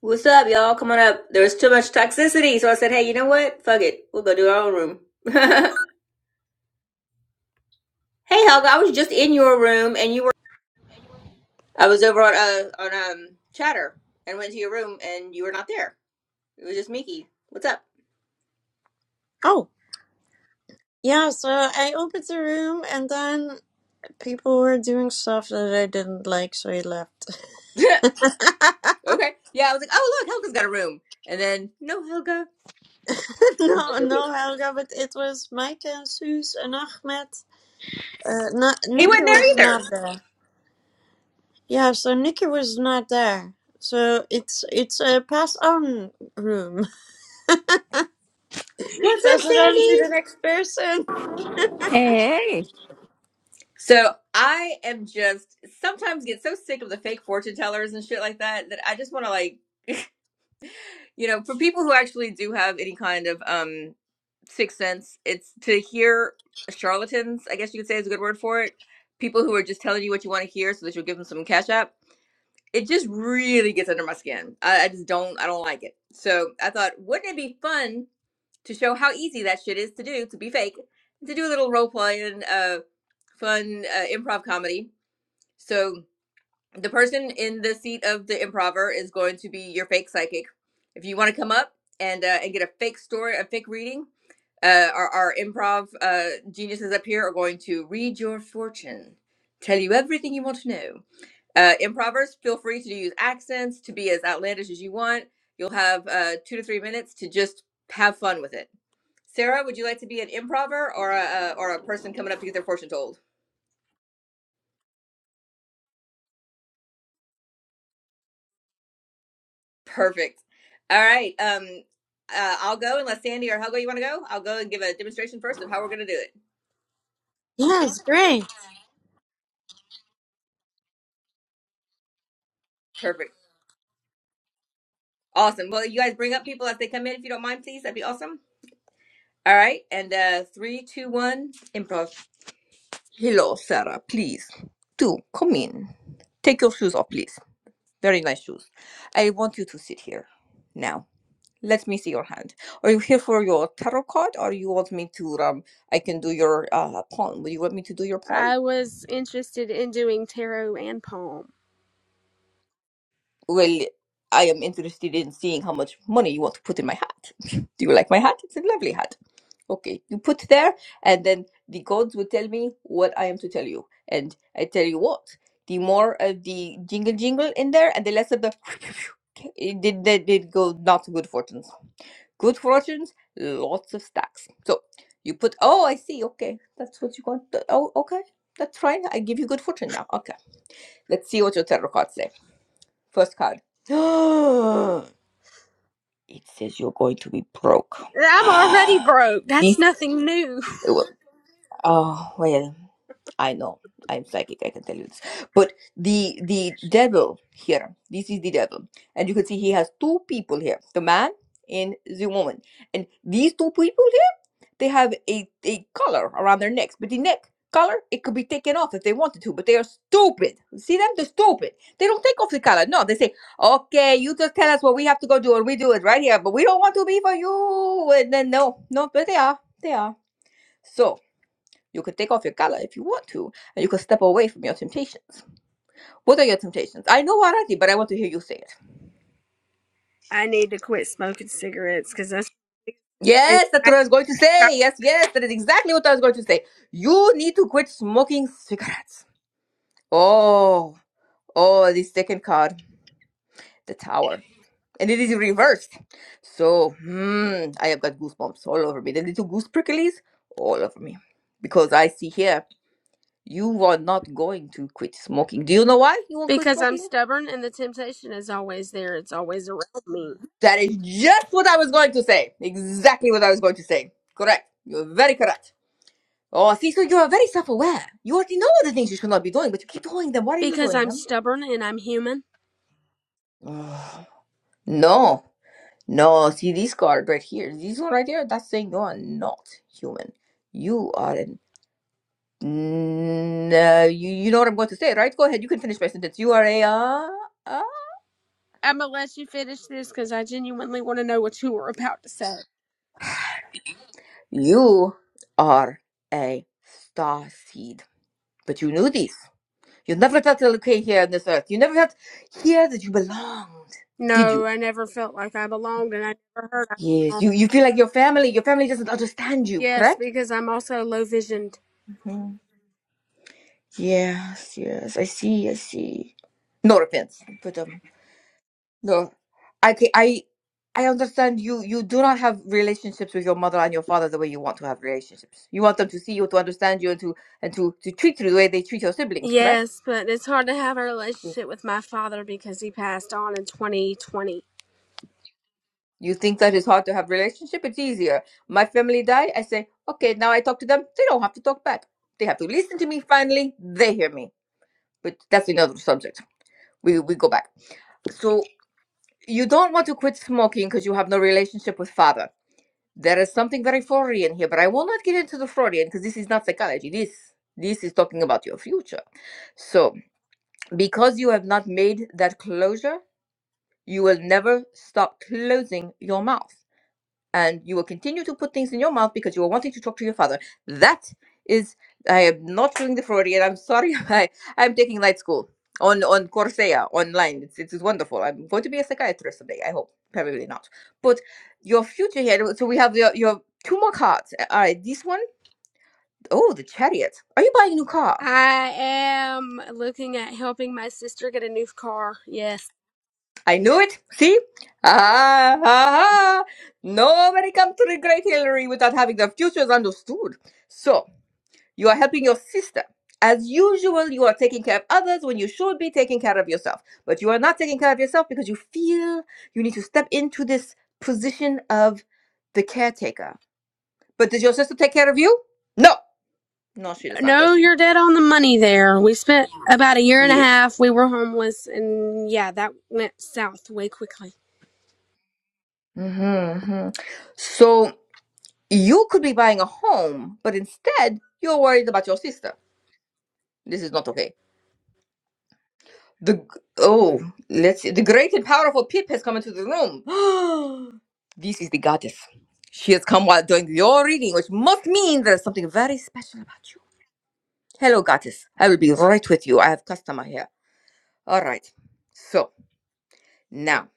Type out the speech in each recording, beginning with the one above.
What's up, y'all? Come on up. There was too much toxicity, so I said, hey, you know what? Fuck it. We'll go do our own room. hey, Helga, I was just in your room, and you were. I was over on uh, on um Chatter, and went to your room, and you were not there. It was just Miki. What's up? Oh, yeah, so I opened the room and then people were doing stuff that I didn't like, so I left. okay. Yeah, I was like, oh look, Helga's got a room, and then no, Helga. no, no, Helga, but it was Mike and Suze and Ahmed. Uh, not, He Nikki wasn't there was not either. there. Yeah, so Nikki was not there. So it's it's a pass on room. What's pass up, it on to Sandy? the next person. Hey, So I am just sometimes get so sick of the fake fortune tellers and shit like that that I just want to like you know for people who actually do have any kind of um sixth sense it's to hear charlatans i guess you could say is a good word for it people who are just telling you what you want to hear so that you'll give them some cash app it just really gets under my skin I, I just don't i don't like it so i thought wouldn't it be fun to show how easy that shit is to do to be fake to do a little role play and uh fun uh, improv comedy so the person in the seat of the improver is going to be your fake psychic. If you want to come up and uh, and get a fake story, a fake reading, uh, our, our improv uh, geniuses up here are going to read your fortune, tell you everything you want to know. Uh, improvers, feel free to use accents to be as outlandish as you want. You'll have uh, two to three minutes to just have fun with it. Sarah, would you like to be an improver or a, a or a person coming up to get their fortune told? Perfect. All right. Um, uh, I'll go unless Sandy or Hugo, you want to go? I'll go and give a demonstration first of how we're going to do it. Yeah, it's great. Perfect. Awesome. Well, you guys bring up people as they come in, if you don't mind, please. That'd be awesome. All right. And uh, three, two, one, improv. Hello, Sarah. Please do come in. Take your shoes off, please. Very nice shoes. I want you to sit here now. Let me see your hand. Are you here for your tarot card, or you want me to? Um, I can do your uh, palm. Would you want me to do your palm? I was interested in doing tarot and palm. well, I am interested in seeing how much money you want to put in my hat. Do you like my hat? It's a lovely hat. Okay, you put there, and then the gods will tell me what I am to tell you. And I tell you what, the more of the jingle jingle in there, and the less of the. It did, that did go not good fortunes. Good fortunes, lots of stacks. So you put, oh, I see, okay, that's what you want. Oh, okay, that's fine. I give you good fortune now. Okay, let's see what your tarot cards say. First card. it says you're going to be broke. I'm already broke. this. That's nothing new. Oh, oh, well, I know. I'm psychic, I can tell you this. But the the devil here, this is the devil. And you can see he has two people here, the man and the woman. And these two people they have a, a collar around their necks, but the neck collar it could be taken off if they wanted to, but they are stupid. See them? They're stupid. They don't take off the collar. No, they say, "Okay, you just tell us what we have to go do, and we do it right here, but we don't want to be for you." And then no, no, but they are, they are. So you could take off your collar if you want to, and you could step away from your temptations. What are your temptations? I know already, but I want to hear you say it. I need to quit smoking cigarettes because that's it- Yes, that's I- what I was going to say. Yes, yes, that is exactly what I was going to say. You need to quit smoking cigarettes. Oh, oh, the second card, the tower. And it is reversed. So, hmm, I have got goosebumps all over me. The little goose pricklies all over me. Because I see here, you are not going to quit smoking. Do you know why you won't quit because I'm smoking? stubborn and the temptation is always there. It's always around me That is just what I was going to say. Exactly what I was going to say. Correct. You're very correct. Oh, see, so you are very self aware. You already know all the things you should not be doing, but you keep doing them. Why are you because doing I'm them? stubborn and I'm human. no. No, see this card right here. This one right here. That's saying you are not human. You are an. No, you you know what I'm going to say, right? Go ahead. You can finish my sentence. You are a. Uh, uh, I'm gonna let you finish this because I genuinely want to know what you were about to say. you are a star seed. But you knew this. You never felt okay here on this earth. You never felt here that you belonged. Did No, you? I never felt like I belonged, and I never heard I Yes. belonged. You you feel like your family. Your family doesn't understand you. Yes, Correct? because I'm also low visioned. Mhm. Yes. Yes. I see. I see. No offense, but um. No, I ca- I I understand you. You do not have relationships with your mother and your father the way you want to have relationships. You want them to see you, to understand you, and to and to to treat you the way they treat your siblings. Correct? Yes, but it's hard to have a Yes. relationship with my father because he passed on in 2020. You think that it's hard to have relationship? It's easier. My family die. I say, okay, now I talk to them. They don't have to talk back. They have to listen to me. Finally, they hear me. But that's another subject. We we go back. So you don't want to quit smoking because you have no relationship with father There is something very Freudian here, but I will not get into the Freudian because this is not psychology. This this is talking about your future. So because you have not made that closure, you will never stop closing your mouth and you will continue to put things in your mouth because you are wanting to talk to your father. That is, I am not doing the Freudian. I'm sorry. I, I'm taking night school on on Coursera online. It's it's wonderful. I'm going to be a psychiatrist someday. I hope. Probably not. But your future here. So we have your your two more cards. All right, this one. Oh, the chariot. Are you buying a new car? I am looking at helping my sister get a new car. Yes. I knew it. See? Ah, ah, ah. Nobody comes to the Great Hillary without having their futures understood. So, You are helping your sister. As usual, you are taking care of others when you should be taking care of yourself. But you are not taking care of yourself because you feel you need to step into this position of the caretaker. But does your sister take care of you? No. No, she does not, does No, she? you're dead on the money there. We spent about a year and a Yes. half. We were homeless, and yeah, that went south way quickly. hmm So you could be buying a home, but instead you're worried about your sister. This is not okay. The g- oh, let's see. The great and powerful Pip has come into the room. this is the goddess. She has come while doing your reading, which must mean there is something very special about you. Hello, goddess. I will be right with you. I have customer here. All right. So now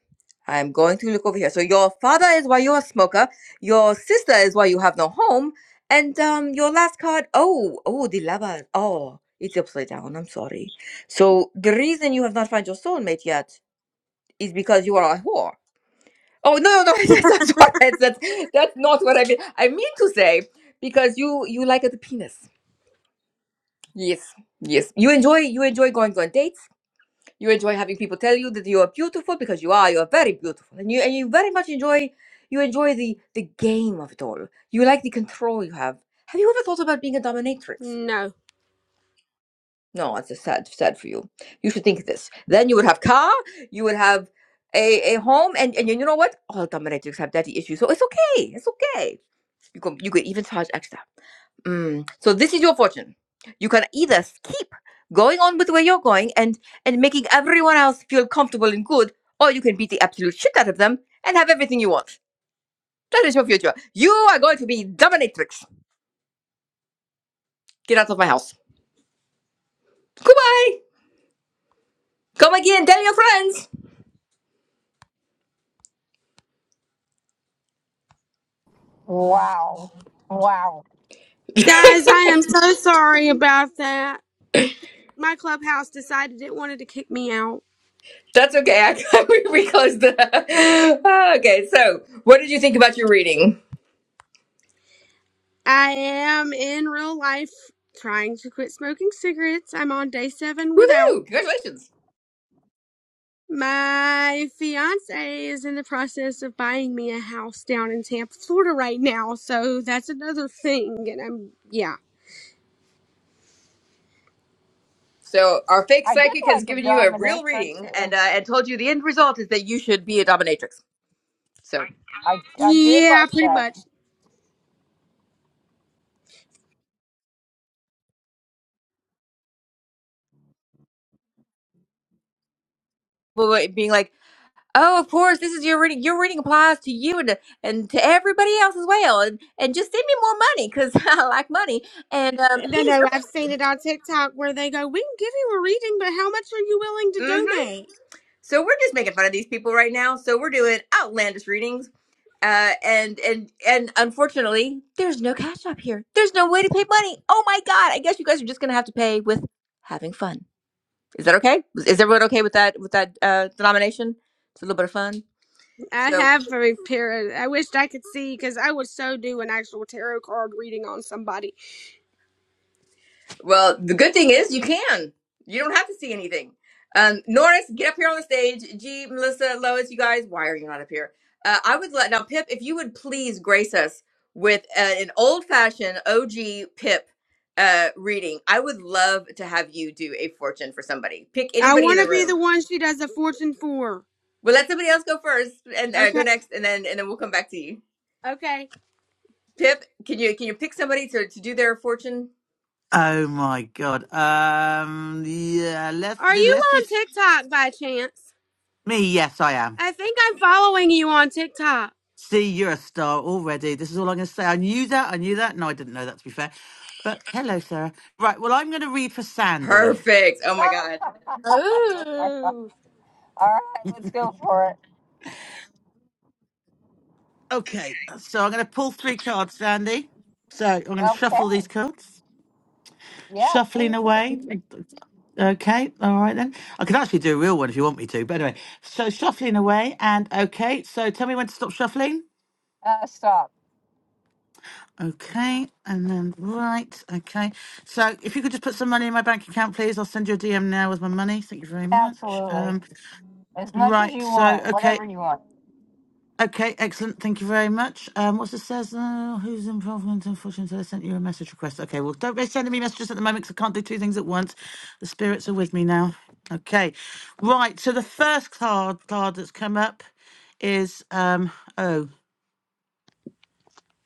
I'm going to look over here. So your father is why you're a smoker. Your sister is why you have no home. And um, your last card. Oh, oh, the lava. Oh, it's upside down. I'm sorry. So the reason you have not found your soulmate yet is because you are a whore. Oh no, no, no! that's, not what I said. That's not what I mean. I mean to say because you you like the penis. Yes, yes. You enjoy you enjoy going on dates. You enjoy having people tell you that you are beautiful because you are. You are very beautiful, and you and you very much enjoy you enjoy the the game of it all. You like the control you have. Have you ever thought about being a dominatrix? No. No, it's a sad, sad for you. You should think this. Then you would have car, you would have a, a home, and, and you know what? All dominatrix have daddy issues, so it's okay. It's okay. You can you could even charge extra. Mm. So this is your fortune. You can either s- keep going on with where you're going and and making everyone else feel comfortable and good, or you can beat the absolute shit out of them and have everything you want. That is your future. You are going to be dominatrix. Get out of my house. Goodbye. Come again. Tell your friends. Wow. Wow. Guys, I am so sorry about that. My clubhouse decided it wanted to kick me out. That's okay. I, we, we closed the. okay, so what did you think about your reading? I am in real life trying to quit smoking cigarettes. I'm on day seven without. Woohoo! Congratulations. My fiance is in the process of buying me a house down in Tampa, Florida right now, so that's another thing. And I'm, yeah. So our fake I did psychic has like the given you a real dominatrix. reading and uh, and told you the end result is that you should be a dominatrix. So I, I did Yeah, like pretty that. much. people were being like, oh, of course, this is your reading. Your reading applies to you and to, and to everybody else as well. And and just send me more money because I like money. And um, No, here's no, your. I've seen it on TikTok where they go, We can give you a reading, but how much are you willing to Mm-hmm. donate? So we're just making fun of these people right now. So we're doing outlandish readings uh, and and and unfortunately, there's no cash up here. There's no way to pay money. Oh my god! I guess you guys are just gonna have to pay with having fun. Is that okay? Is everyone okay with that with that uh, denomination? It's a little bit of fun. I So have a pair. I wished I could see because I would so do an actual tarot card reading on somebody. Well, the good thing is you can. You don't have to see anything. Um, Norris, get up here on the stage. G, Melissa, Lois, you guys, why are you not up here? Uh, I would let now Pip, if you would please grace us with uh, an old-fashioned OG Pip uh, reading. I would love to have you do a fortune for somebody. Pick I anybody in want the to be the room. one she does a fortune for. We'll let somebody else go first and uh, go Okay. next, and then and then we'll come back to you. Okay. Pip, can you can you pick somebody to to do their fortune? Oh my god. Um yeah, let's Are do you let's on just TikTok by chance? me, yes I am. I think I'm following you on TikTok. See, you're a star already. This is all I'm gonna say. I knew that, I knew that. No, I didn't know that to be fair. But hello, Sarah. Right, well I'm gonna read for Sandy. Perfect. Oh my God. All Oh, right, let's go for it. Okay, so I'm gonna pull three cards, Sandy. So I'm gonna Okay. shuffle these cards. Yeah, please Shuffling do. away. Okay, all right then. I could actually do a real one if you want me to, but anyway. So shuffling away and okay, so tell me when to stop shuffling. Uh, stop. Okay, and then right. Okay, so if you could just put some money in my bank account, please. I'll send you a DM now with my money. Thank you very much. Absolutely. Um, As much as right. you So want, okay, whatever you want. okay, excellent. Thank you very much. Um, what's it says? Uh, who's involvement? Unfortunately, I sent you a message request. Okay, well, don't be sending me messages at the moment because I can't do two things at once. The spirits are with me now. Okay, right. So the first card card that's come up is um oh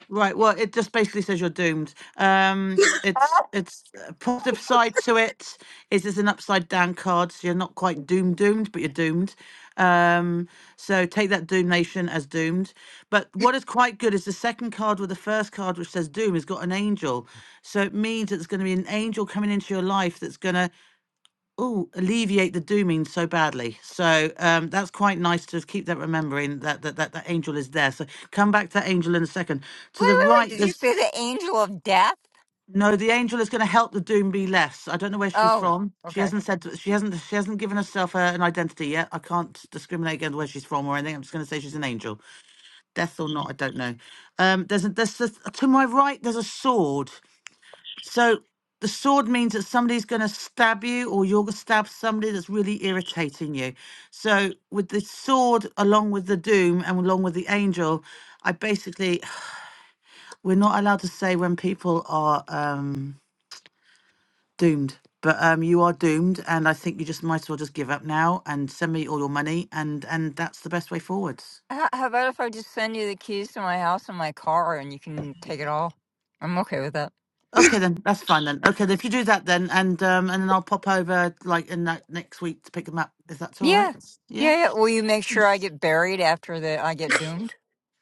Right. Well, it just basically says you're doomed. Um, Ah, it's wait, it's a positive side to it is it's an upside down card, so you're not quite doomed, doomed, but you're doomed. Um, so take that Doom Nation as doomed. But what is quite good is the second card with the first card, which says Doom, has got an angel. So it means it's going to be an angel coming into your life that's going to oh alleviate the dooming so badly so um that's quite nice to keep that remembering that that, that that angel is there so come back to that angel in a second to the wait, wait. right Did you there's say the angel of death? no the angel is going to help the doom be less i don't know where she's Oh, from she okay. hasn't said she hasn't she hasn't given herself uh, an identity yet i can't discriminate against where she's from or anything i'm just going to say she's an angel death or not i don't know um there's a there's a, to my right there's a sword so the sword means that somebody's going to stab you or you're going to stab somebody that's really irritating you. So with the sword, along with the doom and along with the angel, I basically, we're not allowed to say when people are um, doomed. But um, you are doomed, and I think you just might as well just give up now and send me all your money, and and that's the best way forwards. H- How about if I just send you the keys to my house and my car and you can take it all? I'm okay with that. Okay, then that's fine then. Okay, then if you do that then, and um, and then I'll pop over like in that next week to pick them up. If that's all Yeah. right, yeah. Yeah, yeah. Will you make sure I get buried after the I get doomed?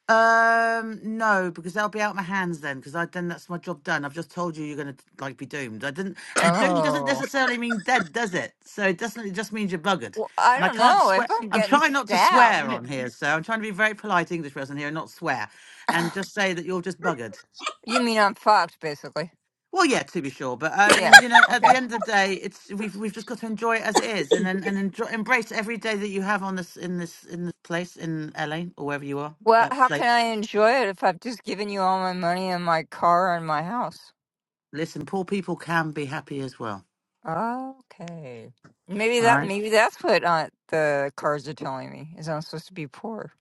Um, no, because they'll be out my hands then. Because I then that's my job done. I've just told you you're gonna like be doomed. I didn't, and doomed doesn't Oh. necessarily mean dead, does it? So it doesn't. It just means you're buggered. Well, I And I don't can't know if swear. I'm I'm getting trying not to swear stabbed. on here, so I'm trying to be a very polite English person here and not swear, and just say that you're just buggered. you mean I'm fucked, basically. Well, yeah, to be sure, but I Yeah. mean, you know, at the Okay. end of the day, it's we've we've just got to enjoy it as it is, and and, and enjoy, embrace every day that you have on this in this in this place in LA or wherever you are Well, that how can place. I enjoy it if I've just given you all my money and my car and my house? listen, poor people can be happy as well. Okay. Maybe All that right. maybe that's what uh, the cards are telling me is I'm supposed to be poor.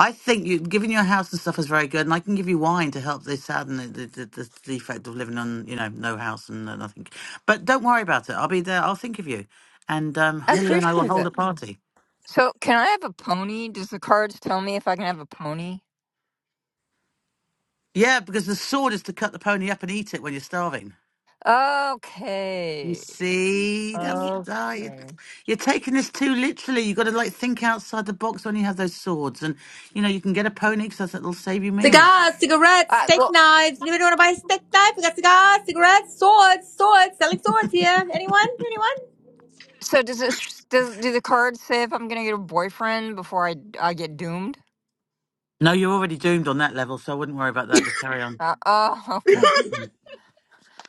I think you giving your house and stuff is very good, and I can give you wine to help this sadden the, the, the, the defect of living on, you know, no house and uh, nothing. But don't worry about it. I'll be there. I'll think of you, and um, I Hilary and I will appreciate hold a it. party. So can I have a pony? Does the cards tell me if I can have a pony? Yeah, because the sword is to cut the pony up and eat it when you're starving. You Okay. see, that's uh, you, Okay. you're taking this too literally. you got to like think outside the box when you have those swords, and you know you can get a pony because that'll save you meals. Cigars, cigarettes, Uh, steak well, knives. Anybody want to buy a steak knife? We got cigars, cigarettes, swords, swords. Selling swords here. Anyone? Anyone? so does this does do the cards say if I'm gonna get a boyfriend before I I get doomed? No, you're already doomed on that level, so I wouldn't worry about that. Just carry on. Uh, oh, okay.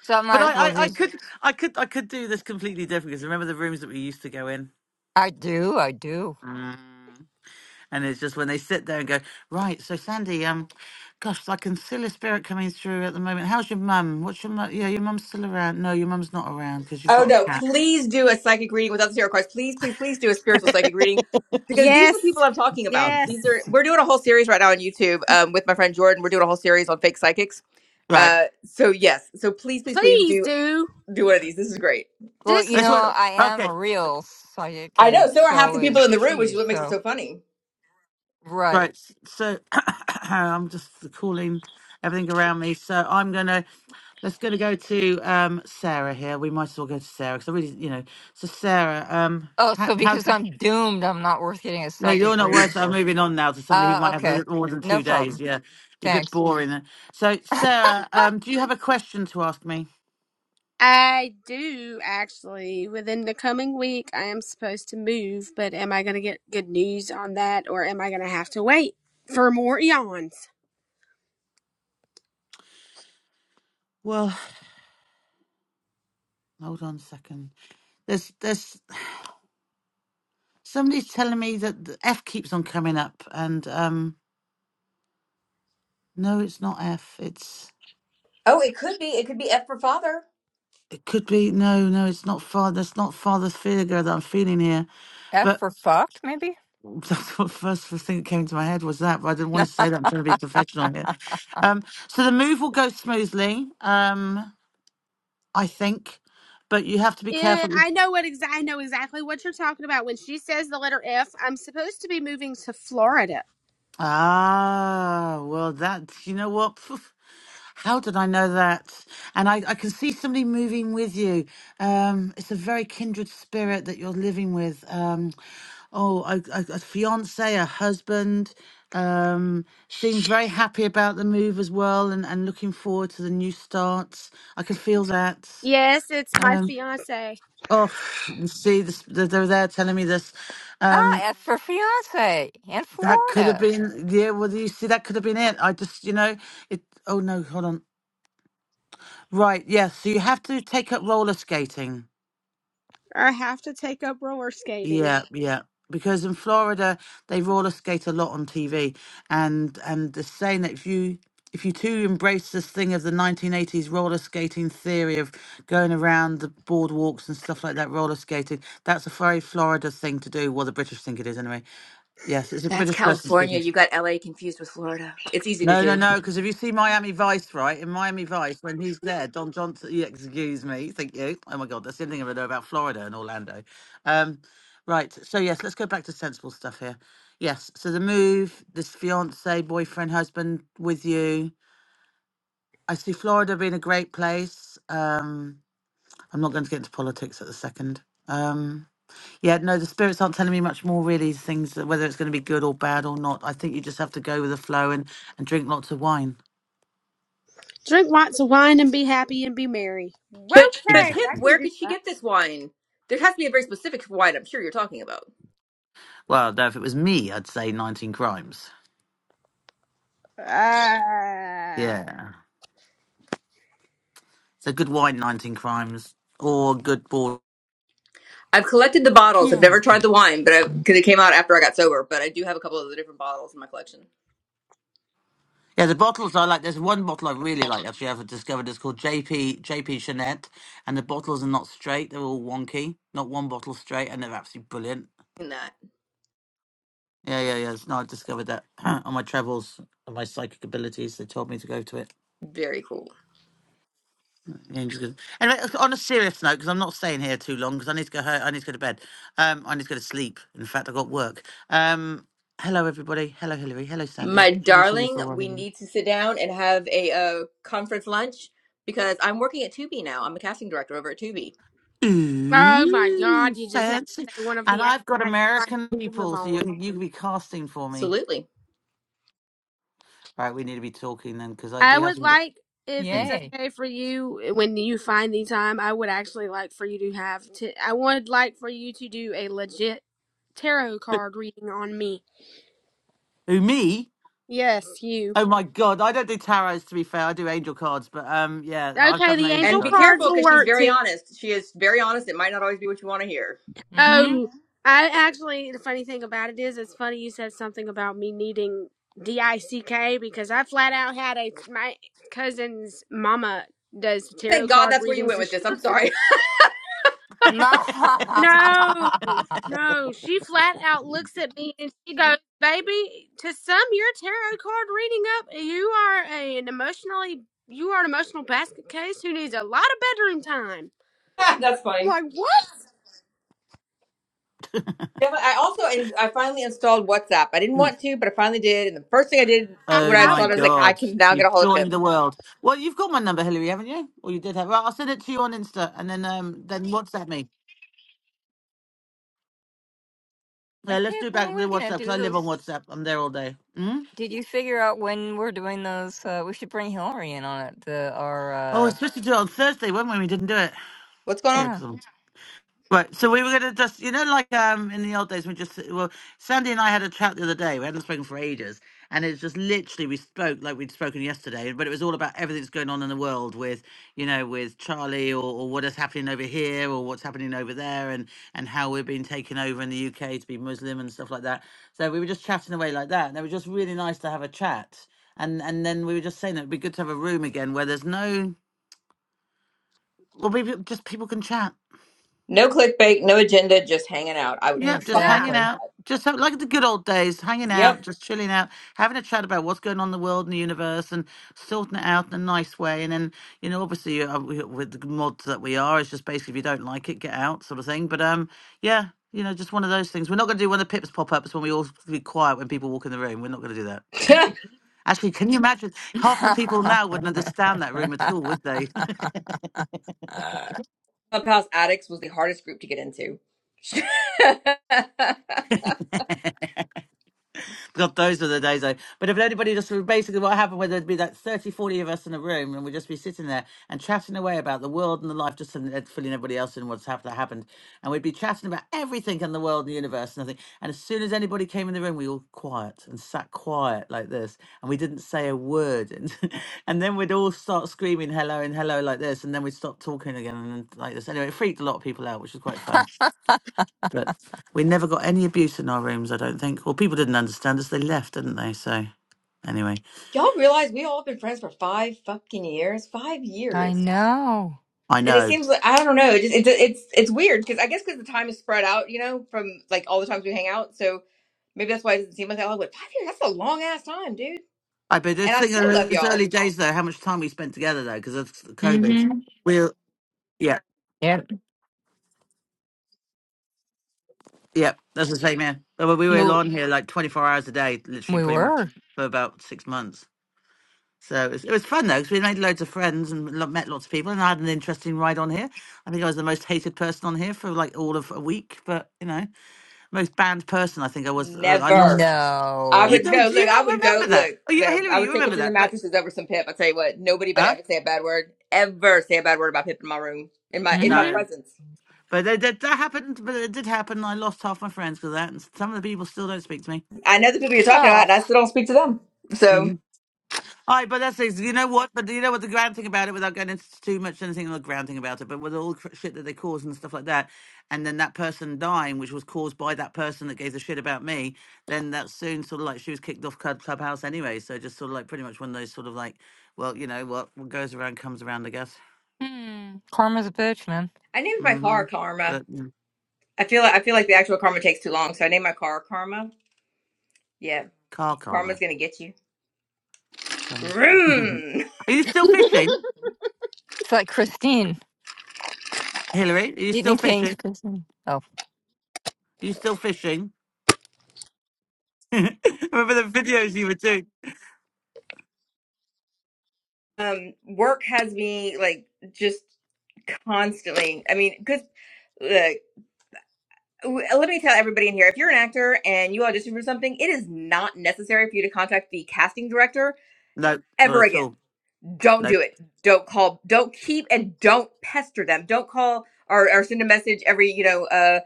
So I But might I, as well I, I just. could, I could, I could do this completely different because remember the rooms that we used to go in, I do. I do. mm. and it's just when they sit there and go, right. So Sandy, um, gosh, I can feel a spirit coming through at the moment. How's your mum? What's your mum? Yeah, your mum's still around. No, your mum's not around because you've Oh got a no! cat. Please do a psychic reading without the tarot cards. Please, please, please do a spiritual psychic reading because these are the Yes. people I'm talking about. These are Yes. we're doing a whole series right now on YouTube um, with my friend Jordan. We're doing a whole series on fake psychics. Right. Uh, so yes, so please, please, please Please do do. do one of these. This is great. Well, This you That's is know, what. I am Okay. a real psychic, I and know. So are half so the people is in the room, which is she. what makes it So so funny. right. Right. s- So I'm just calling everything around me. So I'm gonna let's gonna go to um Sarah here. We might as well go to Sarah because I really, you know. So Sarah, um, Oh, how, so how because I'm doomed, I'm not worth getting a no, psychic you're not reading worth. I'm for. moving on now to somebody who Uh, might have a okay. little more than No two days. problem. Yeah, you're a bit Thanks. boring. then. So Sarah, um, do you have a question to ask me? I do actually. Within the coming week I am supposed to move, but am I gonna get good news on that or am I gonna have to wait for more eons? Well, hold on a second. There's there's somebody's telling me that the F keeps on coming up, and um, no, it's not F. It's Oh, it could be. It could be F for father. It could be no, no. It's not father. That's not father figure that I'm feeling here. F But for fucked, maybe? that's what first the thing that came to my head was that. But I didn't want to say that. I'm trying to be professional here. Um, so the move will go smoothly, um, I think. But you have to be Yeah, careful. I know what exa- I know exactly what you're talking about. When she says the letter F, I'm supposed to be moving to Florida. Ah, well, that you know what. How did I know that? And I, I can see somebody moving with you. Um, it's a very kindred spirit that you're living with. Um, Oh, a, a, a fiance, a husband, um, seems very happy about the move as well and, and looking forward to the new starts. I can feel that. Yes, it's my Um, fiance. oh, you see, this, they're they're there telling me this. Ah, Um, F for fiance in that could have Florida. been, yeah, well, you see, that could have been it. I just, you know, it, oh no, hold on. Right, yes, so you have to take up roller skating. I have to take up roller skating. Yeah, yeah. Because in Florida they roller skate a lot on TV, and and the saying that if you if you too embrace this thing of the 1980s roller skating theory of going around the boardwalks and stuff like that, roller skating, that's a very Florida thing to do. Well, the British think it is anyway. Yes, it's a That's British person California. speaking. You got LA confused with Florida. It's easy to No, no, do. no. Because if you see Miami Vice, right in Miami Vice, when he's there, Don Johnson. Yeah, excuse me. Thank you. Oh my God, that's the only thing I know about Florida and Orlando. Um, right. So yes, let's go back to sensible stuff here. Yes. So the move, this fiance, boyfriend, husband with you. I see Florida being a great place. Um, I'm not going to get into politics at the second. Um, yeah, no, the spirits aren't telling me much more really. Things that whether it's going to be good or bad or not. I think you just have to go with the flow and and drink lots of wine. Drink lots of wine and be happy and be merry. But but Okay, Pip, I Exactly. can where do could she get this wine? There has to be a very specific wine. I'm sure you're talking about. Well, no, if it was me, I'd say 19 Crimes. that. Uh, Yeah. So good wine, 19 Crimes, or good board. I've collected the bottles. I've never tried Chianti. the wine, but because it came out after I got sober. But I do have a couple of the different bottles in my collection. Yeah, the bottles I like. There's one bottle I really like, actually, I've discovered. It's called JP JP Jeanette, and the bottles are not straight. They're all wonky. Not one bottle straight, and they're absolutely brilliant. And that Yeah, yeah, yeah. No, I discovered that on my travels and my psychic abilities. They told me to go to it. very cool, Ninja's good. Anyway, on a serious note, because I'm not staying here too long, because I need to go home. I need to go to bed. Um, I need to go to sleep. In fact, I got work. Um, hello everybody. Hello Hillary. Hello my Sandy. Haven't seen you darling. for a while. We Hillary. need to sit down and have a uh, conference lunch because I'm working at Tubi now. I'm a casting director over at Tubi. oh my Ooh, God, you just had fancy. to say one of And the apps I've got I could American probably live people, so you on. can you can be casting for me. Absolutely. Right, we need to be talking then, because I I do have would some. good- like, if it's Mm. Yay. okay for you, when you find the time, I would actually like for you to have. To, I would like for you to do a legit tarot card reading on me. Who me? Yes, you. Oh my god, I don't do tarots. To be fair, I do angel cards, but um, yeah, I've Okay, done the angel angel And be cards. cards careful will because she's work too. very honest. She is very honest. It might not always be what you want to hear. Mm-hmm. Oh, I actually, the funny thing about it is, it's funny you said something about me needing DICK because I flat out had a, my cousin's mama does tarot Thank God card that's where you readings went and with she, this. I'm sorry. No. no, no, she flat out looks at me and she goes, baby, to sum your tarot card reading up, you are a, an emotionally, you are an emotional basket case who needs a lot of bedroom time. that's I'm funny. like, what? Yeah, but I also and I finally installed WhatsApp. I didn't want to, but I finally did. And the first thing I did I when Oh I have my installed it, I was what? like, the- I God. can now get You've a hold of joined Pip. the world. Well, you've got my number, Hillary, haven't you? Or you did have. Right, I'll send it to you on Insta and then um then WhatsApp me. Yeah, And let's Pip, do when back are we the gonna WhatsApp because do I live those? on WhatsApp. I'm there all day. Mm? Did you figure out when we're doing those? Uh, we should bring Hillary in on it. The our Oh, I uh, was supposed to do it on Thursday, weren't we? We didn't do it. What's going on? Yeah, yeah, because I'm. Right, so we were going to just, you know, like um in the old days, we just, well, Sandy and I had a chat the other day. We hadn't spoken for ages, and it's just literally we spoke like we'd spoken yesterday, but it was all about everything that's going on in the world with, you know, with Charlie or, or what is happening over here or what's happening over there, and and how we're being taken over in the UK to be Muslim and stuff like that. So we were just chatting away like that, and it was just really nice to have a chat. And and then we were just saying that it'd be good to have a room again where there's no, well, maybe just people can chat No clickbait, no agenda, just hanging out. I would Yep, just fucking Yeah. hanging love exactly. out. Just have, like the good old days, it. hanging out, Yep. just chilling out, having a chat about what's going on in the world and the universe, and sorting it out in a nice way. And then, you know, obviously, uh, we- with the mods that we are, it's just basically if you don't like it, get out, sort of thing. But um, yeah, you know, just one of those things. We're not going to do one of the pips pop ups when we all be quiet when people walk in the room. We're not going to do that. Actually, can you imagine? Half the people I now wouldn't understand that room at all, would they? Clubhouse Addicts was the hardest group to get into. God, those were the days. I, but if anybody just basically what happened, where there'd be like 30, 40 of us in a room and we'd just be sitting there and chatting away about the world and the life, just and, and filling everybody else in what's hap- that happened. And we'd be chatting about everything in the world and the universe and everything. And as soon as anybody came in the room, we all quiet and sat quiet like this. And we didn't say a word. And, and then we'd all start screaming hello and hello like this. And then we'd stop talking again and then like this. Anyway, it freaked a lot of people out, which was quite fun. But we never got any abuse in our rooms, I don't think. Well, people didn't understand us. They left, didn't they? So, anyway, Y'all realize we all been friends for five fucking years? Five years. know. I and it know. seems like I don't know. It just, it's it's it's weird because I guess because the time is spread out, you know, from like all the times we hang out. So maybe that's why it doesn't seem like that long. But five years, that's a long ass time, dude. I but And just I think of still love those y'all. early days, though, how much time we spent together, though, because of COVID. Mm-hmm. We We're, yeah, Yep. yeah, that's the same, yeah. But well, we were No, on here like 24 hours a day, literally, we pretty much, were. for about six months. So it was, it was fun, though, because we made loads of friends and lo- met lots of people, and I had an interesting ride on here. I think I was the most hated person on here for like all of a week, but, you know, most banned person, I think I was. Uh, I lost. Never. I You No. would no don't, do look. you I not would go remember that? look. Oh, you, No, I Hillary, you would take it remember to the that, but mattresses over some Pip. I tell you what, nobody better huh? ever say a bad word. Ever say a bad word about Pip in my room, in my in my Mm-hmm. No, presence. but that, that, that happened. But it did happen. I lost half my friends because of that, and some of the people still don't speak to me. I know the people you're talking about, Oh, and I still don't speak to them. So Mm-hmm. All right, but that's it. you know what? But you know what the grand thing about it, without going into too much anything on the ground thing about it, but with all the cr- shit that they cause and stuff like that, and then that person dying, which was caused by that person that gave the shit about me, then that soon sort of like she was kicked off club clubhouse anyway. So just sort of like pretty much one of those sort of like, well, you know what, what goes around comes around, I guess. hmm. karma's a bitch, man. I named my car Mm-hmm. Karma. But yeah. I feel like I feel like the actual Karma takes too long, so I named my car Karma. Yeah. Car Karma's karma. gonna get you. Comes. Are Vroom. you still fishing, It's like Christine, Hillary? Are you still Stephen King's fishing? Are Christine. Oh, you still fishing? Remember the videos you were doing? Um, work has me like just constantly. I mean, because look, w- uh, let me tell everybody in here: if you're an actor and you audition for something, it is not necessary for you to contact the casting director No, not ever at again. all. Don't Nope. do it. Don't call. Don't keep and don't pester them. Don't call or, or send a message every you know. Uh.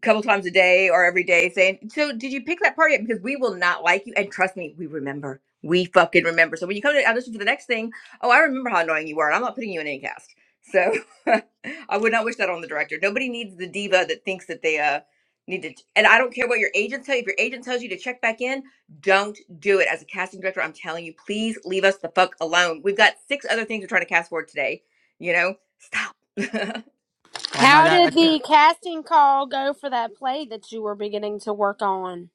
couple times a day or every day saying, So did you pick that part yet?" Because we will not like you. And trust me, we remember. We fucking remember. So when you come to audition for the next thing, oh, I remember how annoying you were, and I'm not putting you in any cast. So I would not wish that on the director. Nobody needs the diva that thinks that they uh need to and I don't care what your agent tell you. If your agent tells you to check back in, don't do it. As a casting director, I'm telling you, please leave us the fuck alone. We've got six other things we're trying to cast for today. You know? Stop. Yeah, no, How did that. the casting call go for that play that you were beginning to work on?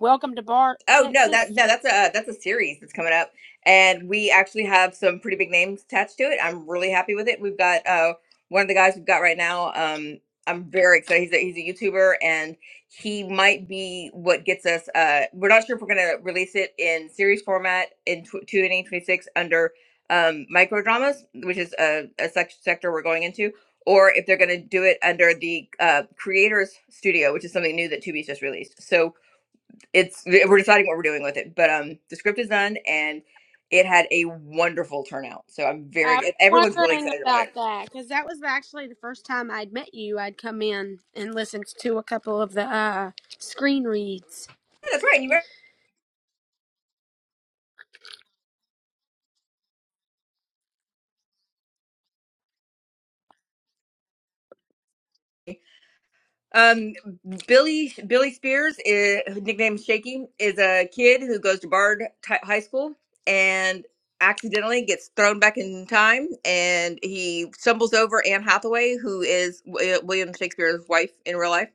Welcome to Bart, Oh no, Texas. that no, that's a that's a series that's coming up, and we actually have some pretty big names attached to it. I'm really happy with it. We've got uh one of the guys we've got right now. Um, I'm very excited. He's a, he's a YouTuber, and he might be what gets us. Uh, we're not sure if we're gonna release it in series format in tw- 2026 under um micro dramas, which is a, a sec- sector we're going into. Or if they're going to do it under the uh, creators studio, which is something new that Tubi's just released. So it's we're deciding what we're doing with it. But um, the script is done, and it had a wonderful turnout. So I'm very I good. was Everyone's really wondering excited about it. about that because that was actually the first time I'd met you. I'd come in and listened to a couple of the uh, screen reads. Yeah, that's right. You ready? Um, Billy Billy Spears, is, nicknamed Shaky, is a kid who goes to Bard Ti- High School and accidentally gets thrown back in time, and he stumbles over Anne Hathaway, who is Wi- William Shakespeare's wife in real life.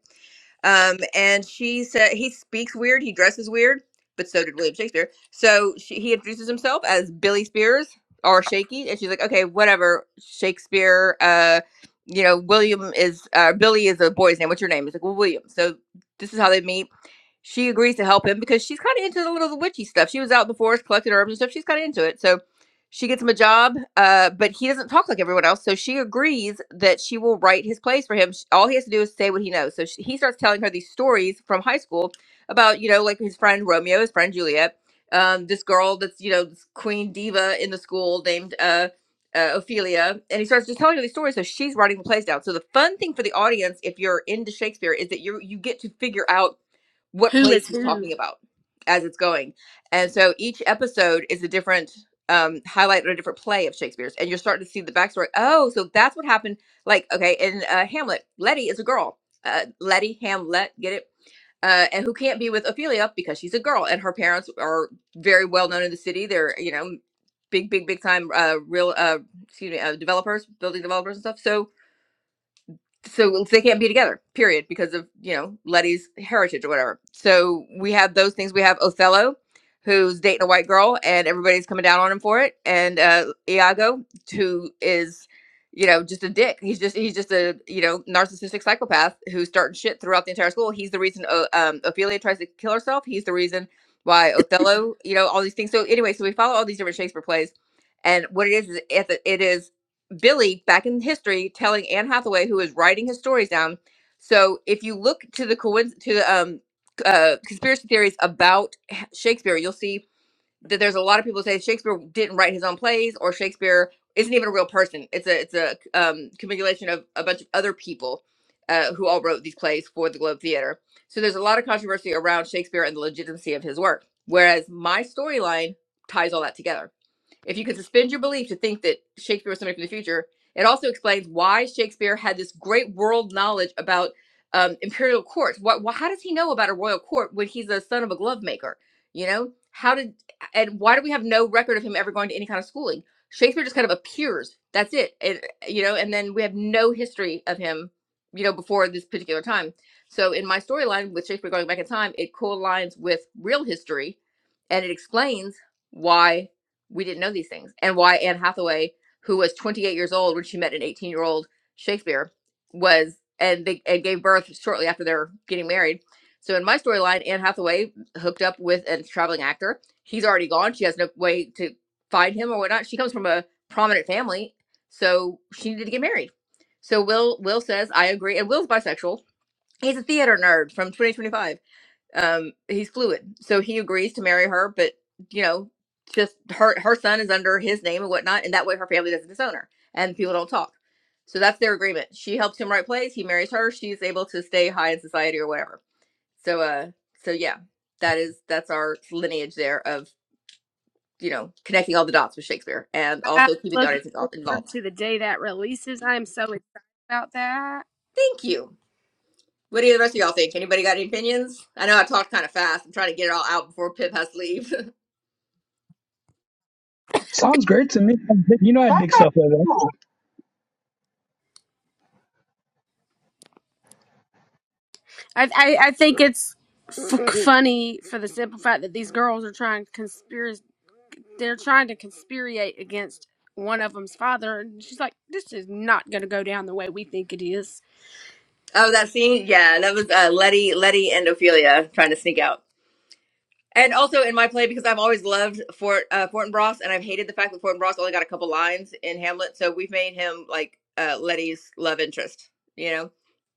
Um, and she said he speaks weird, he dresses weird, but so did William Shakespeare. So she, he introduces himself as Billy Spears or Shaky, and she's like, "Okay, whatever, Shakespeare." Uh, you know, William is uh, Billy is a boy's name. What's your name? He's like, well, William. So this is how they meet she agrees to help him because she's kind of into the little witchy stuff. She was out in the forest collecting herbs and stuff. She's kind of into it. So she gets him a job, uh, but he doesn't talk like everyone else. So she agrees that she will write his plays for him. Sh- All he has to do is say what he knows. So she, he starts telling her these stories from high school about, you know, like his friend Romeo, his friend Juliet, um, this girl that's, you know, this queen diva in the school named uh, uh, Ophelia. And he starts just telling her these stories. So she's writing the plays down. So the fun thing for the audience, if you're into Shakespeare, is that you you get to figure out what Who plays is he's who? talking about as it's going. And so each episode is a different um, highlight or a different play of Shakespeare's, and you're starting to see the backstory. Oh, so that's what happened. Like, okay, in uh, Hamlet, Letty is a girl. Uh, Letty Hamlet, get it? Uh, and who can't be with Ophelia because she's a girl, and her parents are very well known in the city. They're you know big, big, big time uh, real uh, excuse me uh, developers, building developers and stuff. So so they can't be together period because of you know letty's heritage or whatever so we have those things we have othello who's dating a white girl and everybody's coming down on him for it and uh iago who is you know just a dick he's just he's just a you know narcissistic psychopath who's starting shit throughout the entire school he's the reason o- um, ophelia tries to kill herself he's the reason why othello you know all these things so anyway so we follow all these different shakespeare plays and what it is is it, it is Billy back in history telling Anne Hathaway, who is writing his stories down. So if you look to the coinc- to the um, uh, conspiracy theories about H- Shakespeare, you'll see that there's a lot of people say Shakespeare didn't write his own plays, or Shakespeare isn't even a real person. It's a it's a um, accumulation of a bunch of other people uh, who all wrote these plays for the Globe Theater. So there's a lot of controversy around Shakespeare and the legitimacy of his work. Whereas my storyline ties all that together if you can suspend your belief to think that Shakespeare was somebody from the future, it also explains why Shakespeare had this great world knowledge about um, imperial courts. What, wh- how does he know about a royal court when he's the son of a glove maker? You know, how did and why do we have no record of him ever going to any kind of schooling? Shakespeare just kind of appears. That's it. And you know, and then we have no history of him, you know, before this particular time. So in my storyline with Shakespeare going back in time, it co-aligns with real history, and it explains why we didn't know these things and why anne hathaway who was 28 years old when she met an 18 year old shakespeare was and they and gave birth shortly after they're getting married so in my storyline anne hathaway hooked up with a traveling actor he's already gone she has no way to find him or whatnot she comes from a prominent family so she needed to get married so will will says i agree and will's bisexual he's a theater nerd from 2025 um he's fluid so he agrees to marry her but you know just her her son is under his name and whatnot and that way her family doesn't disown her and people don't talk so that's their agreement she helps him write plays he marries her she's able to stay high in society or whatever so uh so yeah that is that's our lineage there of you know connecting all the dots with shakespeare and I'm also keeping the looking audience invo- forward involved to the day that releases. I'm so excited about that. thank you what do the rest of y'all think anybody got any opinions i know i talked kind of fast i'm trying to get it all out before pip has to leave Sounds great to me. You know, I That's dig stuff like that. a I I, I think it's f- funny for the simple fact that these girls are trying conspiracy. they're trying to conspirate against one of them's father, and she's like, "This is not going to go down the way we think it is." Oh, that scene? Yeah, that was uh, Letty, Letty, and Ophelia trying to sneak out. And also in my play, because I've always loved Fort uh, Fortinbras, and I've hated the fact that Fortinbras only got a couple lines in Hamlet, so we've made him like uh, Letty's love interest, you know.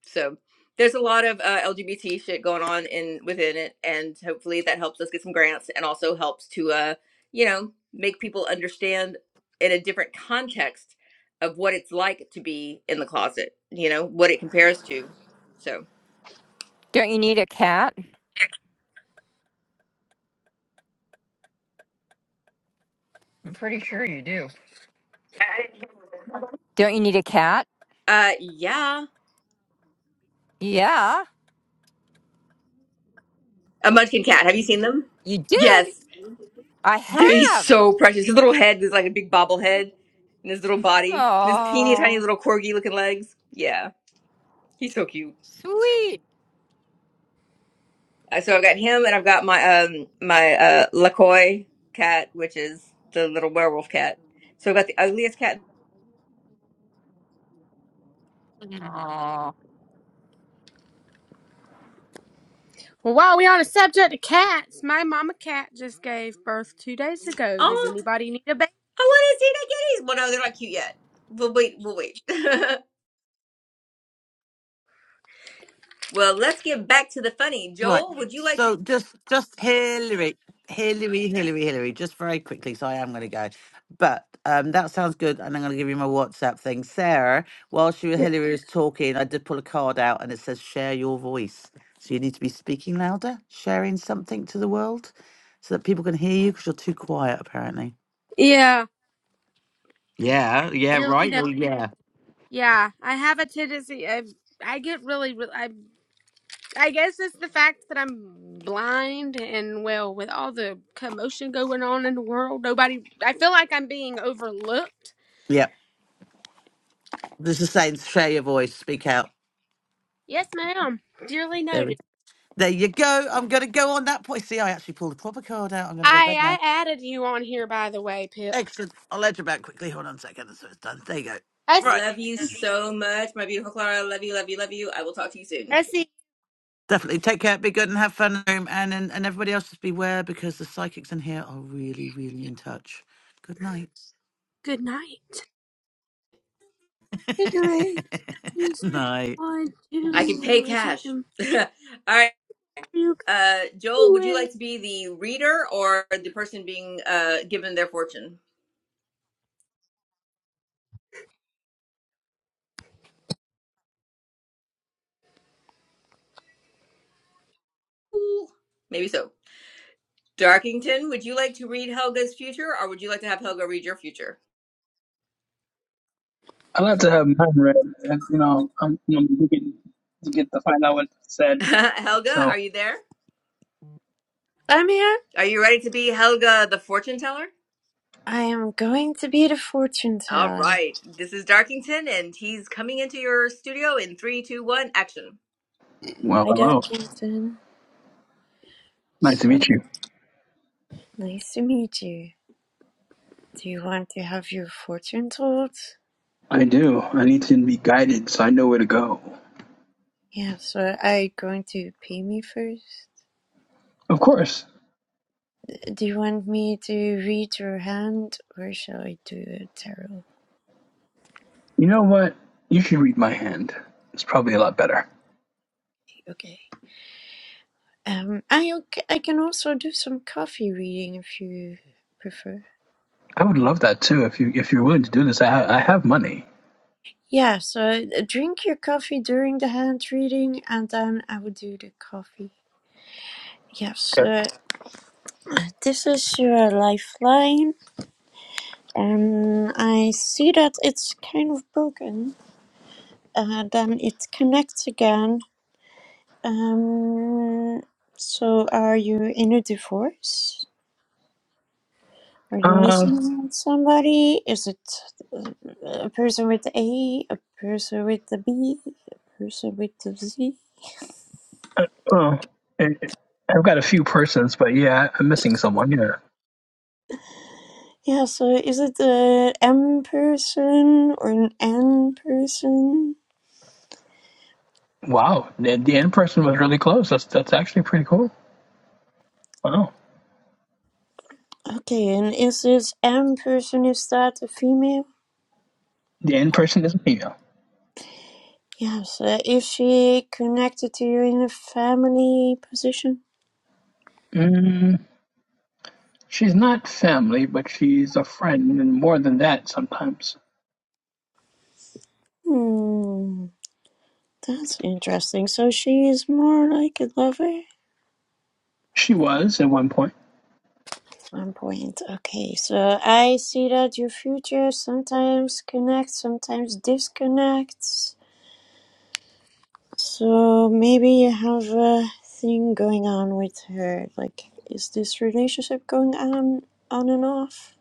So there's a lot of uh, LGBT shit going on in within it, and hopefully that helps us get some grants, and also helps to, uh, you know, make people understand in a different context of what it's like to be in the closet, you know, what it compares to. So. don't you need a cat? I'm pretty sure you do. Don't you need a cat? Uh, yeah. Yeah. A Munchkin cat. Have you seen them? You Yes. did? I They're he's have. so precious. His little head is like a big bobblehead, and his little body, and his teeny tiny Oh, little corgi looking legs. Yeah, he's so cute. sweet. Uh, so I've got him, and I've got my um my uh Lakoy cat, which is the little werewolf cat. So I've got the ugliest cat. Oh, Well, while we are on the subject of cats, my mama cat just gave birth two days ago. Does Oh, anybody need a baby? I want to see the kitties. Well, no, they're not cute yet. We'll wait. We'll wait. well, let's get back to the funny. Right. Joel, would you like to? So just just Hillary, Hillary, Hillary, Hillary. Just very quickly, so I am going to go. But um, that sounds good, and I'm going to give you my WhatsApp thing, Sarah. While she Yeah, Hillary was talking, I did pull a card out, and it says "Share your voice." So you need to be speaking louder, sharing something to the world, so that people can hear you because you're too quiet apparently. yeah, Yeah, yeah, duly right. Well, noted. yeah. Yeah, I have a tendency. i I get really, re- I, I guess it's the fact that I'm blind and well, with all the commotion going on in the world, nobody. I feel like I'm being overlooked. yeah. There's a saying, share your voice, speak out. Yes, ma'am. Dearly There, noted. we- there you go. I'm going to go on that point. See, I actually pulled a proper card out. I'm going to go to bed now. I I added you on here by the way, Pip. Excellent. I'll let you back quickly. Hold on a second. So it's done. There you go. I Right. Love you see. so much, my beautiful Clara. Love you, love you, love you. I will talk to you soon. I see. Definitely. Take care. Be good and have fun in the room. And, and, and everybody else just beware because the psychics in here are really, really in touch. Good night. Good night. Good night. Just don't night. want I can pay to if I cash. can All right. feel Uh, Joel, would you it. like to be the reader or the person being uh, given their fortune? Ooh, maybe so. Darkington, would you like to read Helga's future or would you like to have Helga read your future? I like to have mine read. And, you know, I'm, I'm digging to get to find out what's said. Helga, So, are you there? I'm here. Are you ready to be Helga the fortune teller? I am going to be the fortune All teller. right. This is Darkington and he's coming into your studio in three, two, one, action. well, Hi, hello. Darkington. Nice to So meet you. nice to meet you. Do you want to have your fortune told? I do. I need to be guided so I know where to go. Yes. so are you going to pay me first? Of course. Do you want me to read your hand or shall I do a tarot? You know what? You should read my hand. It's probably a lot better. Okay. Um, I okay, I can also do some coffee reading if you prefer. I would love that too. If you if you're willing to do this, I ha- I have money. Yeah, so uh, drink your coffee during the hand reading and then I will do the coffee. Yes, Okay. uh, this is your lifeline, and I see that it's kind of broken. Uh, then it connects again. Um, so, are you in a divorce? Are you Uh, missing Mhm. out somebody? Is it uh, a person with A, a person with the B, a person with the Z? uh, well, I- I've got a few persons, but yeah, I'm missing someone. Yeah. Yeah, so is it a M person or an N person? Wow, the, the end person was really close. That's that's actually pretty cool. Wow, Okay, and is this M person, is that a female? the end person is a female. Yes, uh, is she connected to you in a family position? Mm, she's not family, but she's a friend, and more than that, sometimes Hmm, that's interesting. So she is more like a lover. at she was at one point. One point. Okay, so I see that your future sometimes connects, sometimes disconnects. So maybe you have a thing going on with her. Like, is this relationship going on on and off?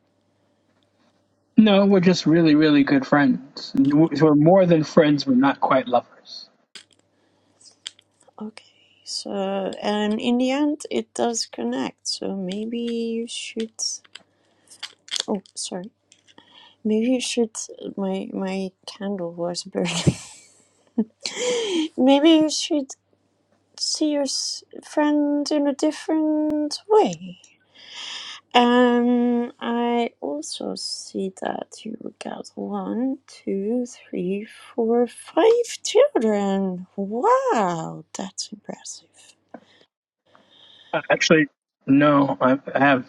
No, we're just really, really good friends. We're more than friends. We're not quite lovers. Okay. So, and in the end, it does connect. So maybe you should. Oh, sorry. Maybe you should. My my candle was burning. Maybe you should see your s- friend in a different way. Um, I also see that you got one, two, three, four, five children. Wow, that's impressive. Uh, Actually, no, I I have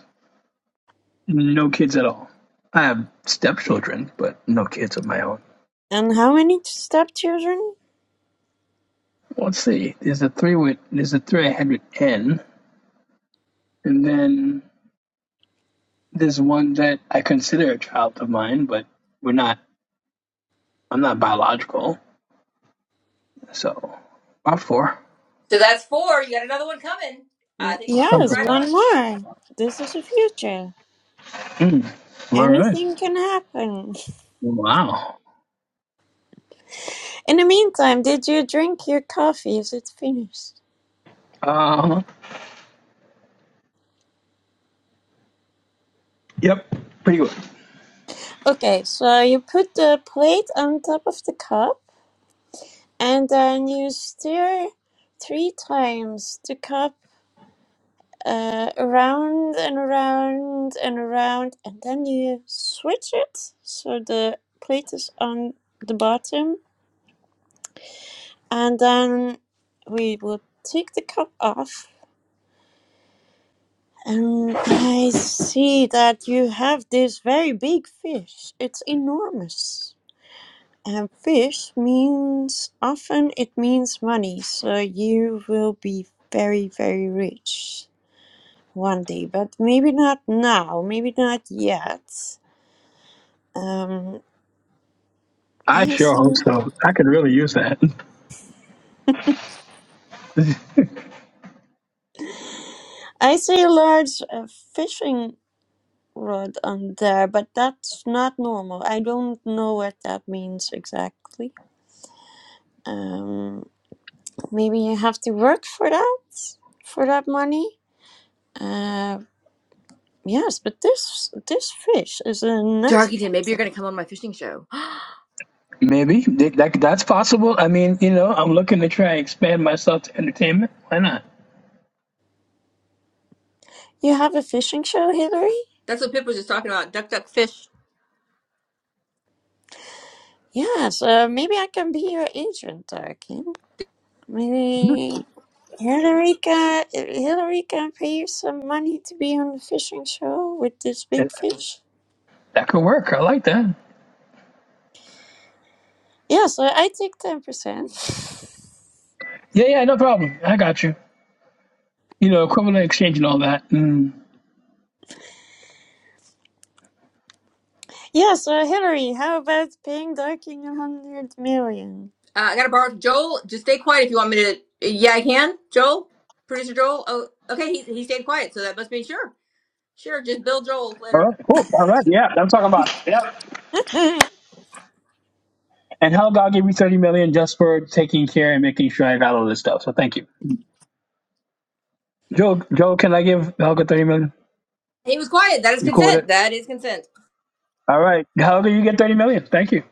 no kids at all. I have stepchildren, but no kids of my own. And how many stepchildren? Let's see. There's a three with there's a three I had with N, and then There's one that I consider a child of mine, but we're not. I'm not biological, so about four. So that's four. You got another one coming. Mm, I think she's sitting Yes, right one on. more. This is the future. Mm, All right. Anything can happen. wow. In the meantime, did you drink your coffee? Is it finished? Uh, yep. Pretty good. Okay, so you put the plate on top of the cup and then you stir three times the cup uh, around and around and around, and then you switch it so the plate is on the bottom, and then we will take the cup off. And I see that you have this very big fish. It's enormous. And fish means often it means money, so you will be very, very rich one day, but maybe not now, maybe not yet. Um, I I sure see, hope so. I could really use that. I see a large uh, fishing rod on there, but that's not normal. I don't know what that means exactly. Um, maybe you have to work for that, for that money. Uh. Yes, but this this fish is a nice Darkington, maybe feature. you're going to come on my fishing show. Maybe that, that- that's possible. I mean, you know, I'm looking to try and expand myself to entertainment. Why not? You have a fishing show, Hillary? That's what Pip was just talking about. Duck, duck, fish. Yes, uh, maybe I can be your agent, uh, Kim. Maybe Hillary can, Hillary can pay you some money to be on the fishing show with this That big fish. that could work. I like that. Yes, uh, I take 10%. Yeah, yeah, no problem. I got you. You know, equivalent exchange and all that. Mm. Yes, uh, Hillary, how about paying Darking a 100 million? Uh, I got to borrow Joel. Just stay quiet if you want me to. Yeah, I can. Joel, producer Joel. Oh, okay. He he stayed quiet, so that must mean sure, sure. Just bill Joel All later. right. Cool. All right. Yeah. I'm talking about. Yep. Woohoo! And hell, God give you thirty million dollars just for taking care and making sure I got all this stuff. So thank you, Joe. Joe, can I give Helga thirty million? dollars? He was quiet. That is You cool with consent. it? That is consent. All right, Helga, you get thirty million. dollars. Thank you.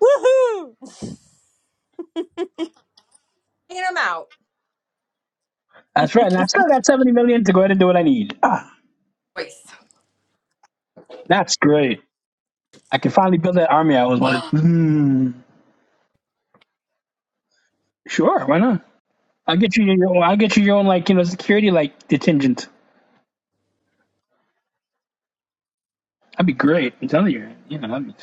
Hanging him out. That's right. And I still got seventy million dollars to go ahead and do what I need. Ah, Voice. that's great. I can finally build that army I always wanted. Mm, sure, why not? I'll get you your. own. I'll get you your own like you know security like detingent. That'd be great. I'm telling you, you know, that'd be, I'm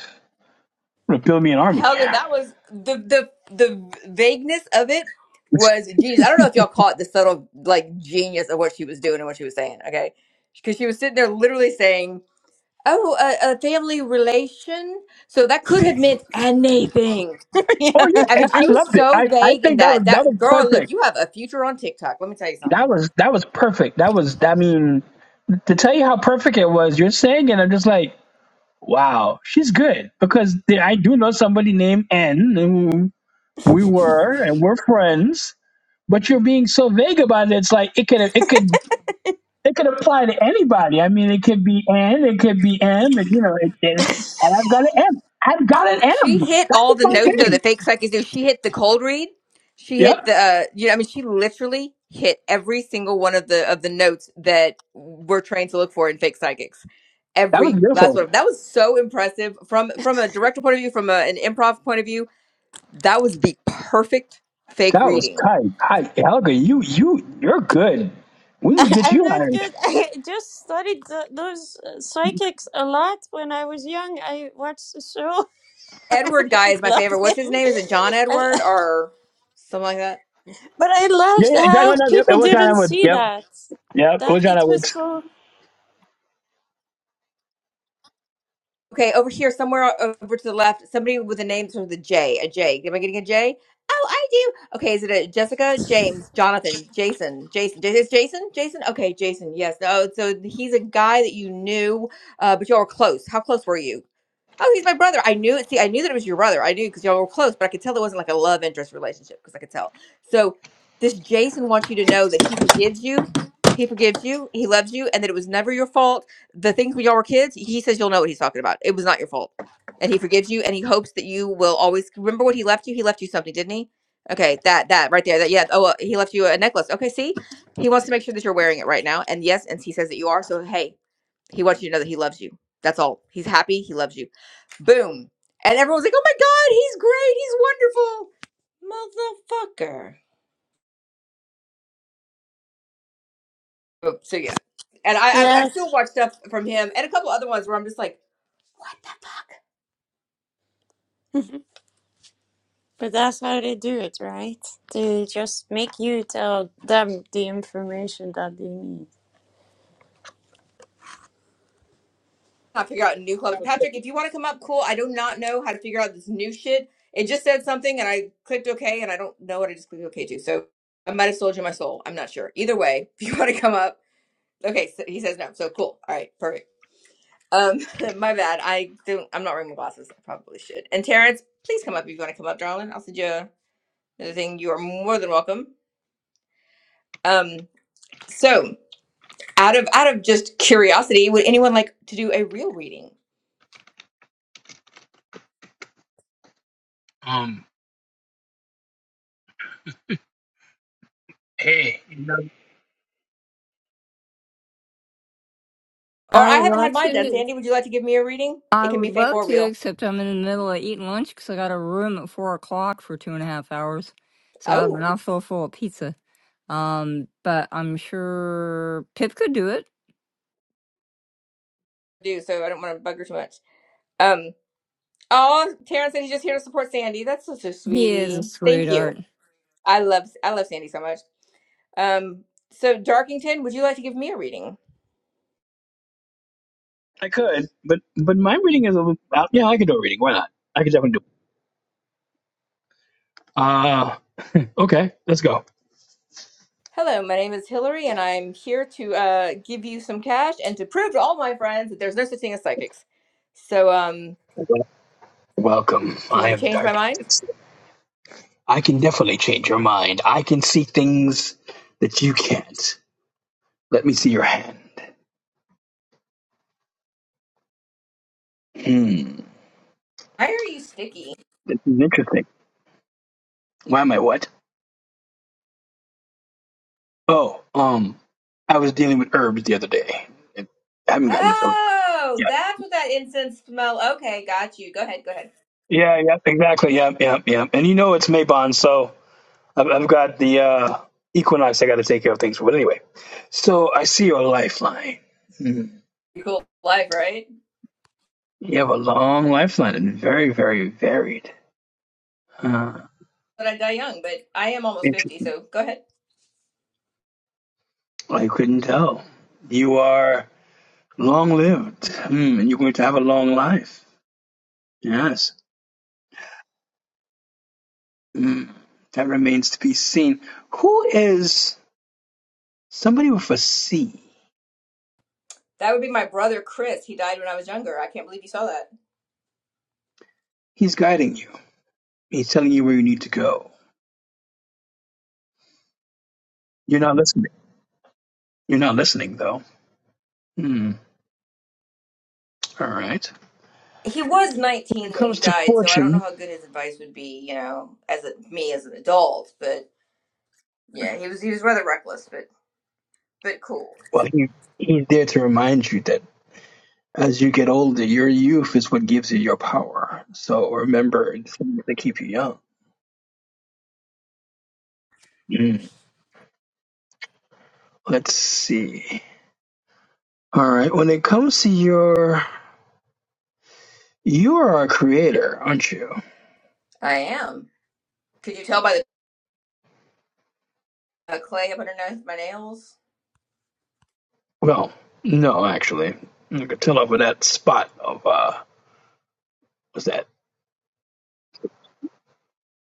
gonna build me an army. Helga, that was the the the vagueness of it It's, was genius. I don't know if y'all caught the subtle like genius of what she was doing and what she was saying. Okay, because she was sitting there literally saying, "Oh, a, a family relation," so that could have meant anything. Oh yeah, I mean, I she I was loved it. so I, I vague in think that was that. that was That girl, perfect. look, you have a future on TikTok. Let me tell you That something. was that was perfect. That was I mean to tell you how perfect it was. You're saying it. I'm just like, wow, she's good because the- I do know somebody named N. And we were and we're friends, but you're being so vague about it. It's like it could it could it could apply to anybody. I mean, it could be N. It could be M. And you know, it, it, and I've got an M. I've got an M. She hit That all was the my Yeah. notes though thing. that fake psychics do. She hit the cold read. She Yep, hit the uh, you know I mean she literally hit every single one of the of the notes that we're trained to look for in fake psychics. that was Every last beautiful. one of that was so impressive from from a director point of view, from a, an improv point of view. That was the perfect fake That was reading. tight. Hi, Helga, you you you're good. We need to I- get I'm you not hired. good. I just studied tho- those uh, psychics a lot when I was young. I watched the show. Edward guy I is my loved favorite. What's it. his name? Is it John I, Edward or something like that? but I Yeah, loved yeah, John, how Rapids. Yep, it people was John didn't Edwards, see Yep, that. yep, it That was John it was Edwards. so. Okay, over here, somewhere over to the left, somebody with a name starts with a J. A J. Am I getting a J? Oh, I do. Okay, is it a Jessica, James, Jonathan, Jason, Jason? J- Is Jason? Jason? Okay, Jason. Yes. Oh, so he's a guy that you knew, uh, but you all were close. How close were you? Oh, he's my brother. I knew it. See, I knew that it was your brother. I knew because y'all were close, but I could tell it wasn't like a love interest relationship because I could tell. So this Jason wants you to know that he forgives you. He forgives you. He loves you, and that it was never your fault. The things when y'all were kids, he says you'll know what he's talking about. It was not your fault, and he forgives you, and he hopes that you will always remember what he left you. He left you something, didn't he? Okay, that that right there. That yeah. Oh, uh, he left you a necklace. Okay, see, he wants to make sure that you're wearing it right now, and yes, and he says that you are. So hey, he wants you to know that he loves you. That's all. He's happy. He loves you. Boom. And everyone's like, oh my God, he's great. He's wonderful. Motherfucker. Oh, So, yeah. And I, I, I Yes. still watch stuff from him and a couple other ones where I'm just like, fuck, But that's how they do it, right? They just make you tell them the information that they need. I figure out new club. Patrick, if you want to come up, cool. I do not know how to figure out this new shit. It just said something and I clicked OK and I don't know what I just clicked OK to. So I might have sold you my soul. I'm not sure. Either way, if you want to come up, okay. So he says no. So cool. All right. Perfect. Um, my bad. I don't. I'm not wearing my glasses. I probably should. And Terrence, please come up if you want to come up, darling. I'll send you another thing. You are more than welcome. Um, so out of out of just curiosity, would anyone like to do a real reading? Um, Or I I would haven't had love mine done. to. Sandy, would you like to give me a reading? It I can be would fake love or to, real. except I'm in the middle of eating lunch because I got a room at four o'clock for two and a half hours. So I have an Oh, mouthful full of pizza. Um, but I'm sure Pip could do it. do so. I don't want to bug her too much. Um. Oh, Taryn said he's just here to support Sandy. That's such a He is a sweetie. Thank you. sweetheart. I love I love Sandy so much. Um, so Darkington, would you like to give me a reading? I could, but but my reading is a little. Uh, yeah, I could do a reading. Why not? I could definitely do. It. Uh okay, let's go. Hello, my name is Hillary, and I'm here to uh, give you some cash and to prove to all my friends that there's no such thing as psychics. So, um, Welcome. can I you am change my dark. mind? It's- I can definitely change your mind. I can see things that you can't. Let me see your hand. Hmm. Why are you sticky? This is interesting. Why am I what? Oh, um, I was dealing with herbs the other day. I haven't gotten a phone. Oh, that's what that incense smell. Okay, got you. Go ahead, go ahead. Yeah, yeah, exactly. Yeah, yeah, yeah. And you know it's Maybon, so I've, I've got the uh, Equinox I got to take care of things with. Anyway, so I see your lifeline. Hmm. You cool life, right? You have a long lifeline and very, very varied. Huh. But I die young, but I am almost 50, Interesting. so go ahead. I couldn't tell. You are long lived, hmm. and you're going to have a long life. Yes. Hmm. That remains to be seen. Who is somebody with a C? That would be my brother Chris. He died when I was younger. I can't believe you saw that. He's guiding you, he's telling you where you need to go. You're not listening. You're not listening, though. Hmm. All right. He was When 19 it when he comes to died, so I don't know fortune, how good his advice would be, you know, as a, me as an adult, but yeah, he was he was rather reckless, but but cool. well, he, he's there to remind you that as you get older, your youth is what gives you your power. So remember, it's to keep you young. Hmm. Let's see. All right. When it comes to your, you are a creator, aren't you? I am. Could you tell by the uh, clay up under my nails? Well, no, actually, I could tell over that spot of uh, what's that?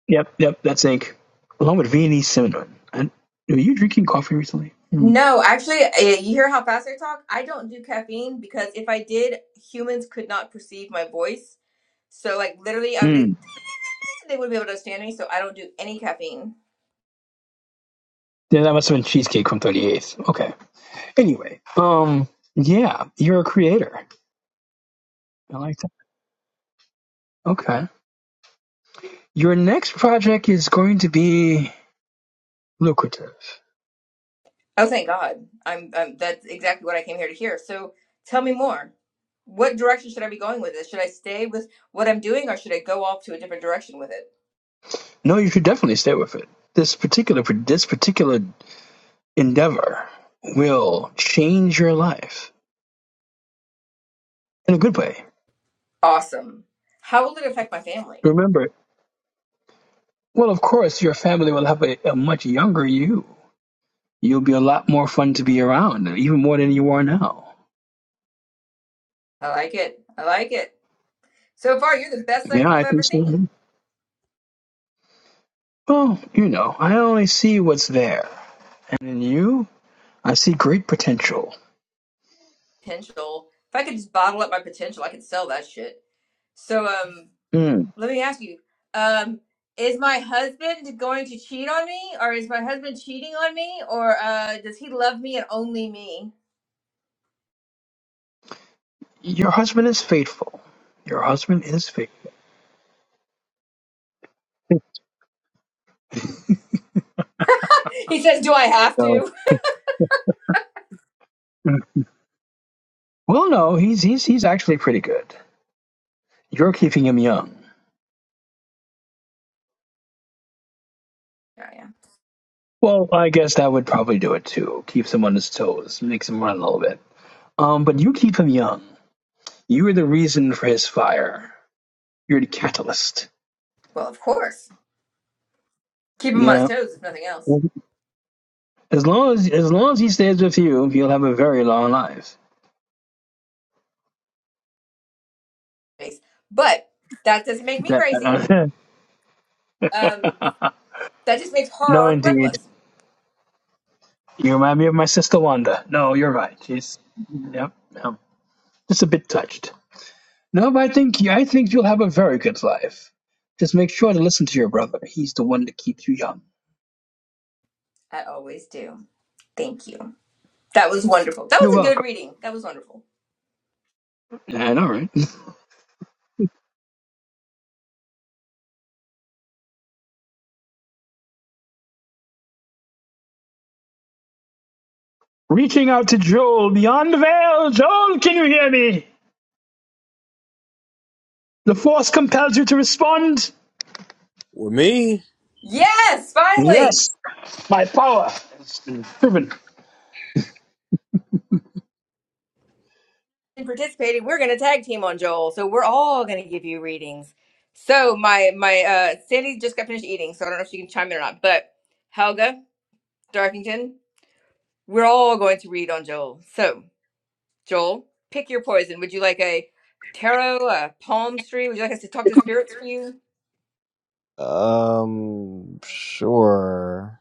Yep, yep, that's ink. Along with Viennese cinnamon. And were you drinking coffee recently? No, actually, eh, you hear how fast I talk? I don't do caffeine because if I did, humans could not perceive my voice. So, like, literally, I would be, Hmm. like, "Eh," they wouldn't be able to understand me. So, I don't do any caffeine. Then that must have been Cheesecake from 38th. Okay. Anyway, um, yeah, you're a creator. I like that. Okay. Your next project is going to be lucrative. Oh, thank God! I'm, I'm that's exactly what I came here to hear. So, tell me more. What direction should I be going with this? Should I stay with what I'm doing, or should I go off to a different direction with it? No, you should definitely stay with it. This particular this particular endeavor will change your life in a good way. Awesome. How will it affect my family? Remember, well, of course, your family will have a, a much younger you. You'll be a lot more fun to be around, even more than you are now. I like it. I like it. So far, you're the best Yeah, psychic I I've ever think seen. so. Well, you know, I only see what's there. In you, I see great potential. Potential. If I could just bottle up my potential, I could sell that shit. So, um, Mm. let me ask you, um, is my husband going to cheat on me, or is my husband cheating on me, or uh, does he love me and only me? Your husband is faithful. Your husband is faithful. he says, "Do I have So, to?" mm. well, no, he's he's he's actually pretty good. You're keeping him young. Yeah, yeah. Well, I guess that would probably do it too. Keeps him on his toes, makes him run a little bit. Um, but you keep him young. You are the reason for his fire. You're the catalyst. Well, of course. Keep him on his Yeah. toes, if nothing else. As long as as long as he stays with you, he'll have a very long life. Thanks. But that doesn't make me That crazy. Um, that just makes no, her indeed. reckless. You remind me of my sister Wanda. No, you're right. She's yep, yep. Just a bit touched. No, but I think I think you'll have a very good life. Just make sure to listen to your brother. He's the one that keeps you young. I always do. Thank you. That was wonderful. That You're was a good welcome. reading. That was wonderful. And all right. Reaching out to Joel beyond the veil. Joel, can you hear me? The force compels you to respond. With me? Yes, finally. Yes, my power has been driven. And participating, we're going to tag team on Joel, so we're all going to give you readings. So my my uh Sandy just got finished eating, so I don't know if she can chime in or not. But Helga Darkington, we're all going to read on Joel. So Joel, pick your poison. Would you like a tarot, a palm tree? Would you like us to talk to spirits for you? Um, sure.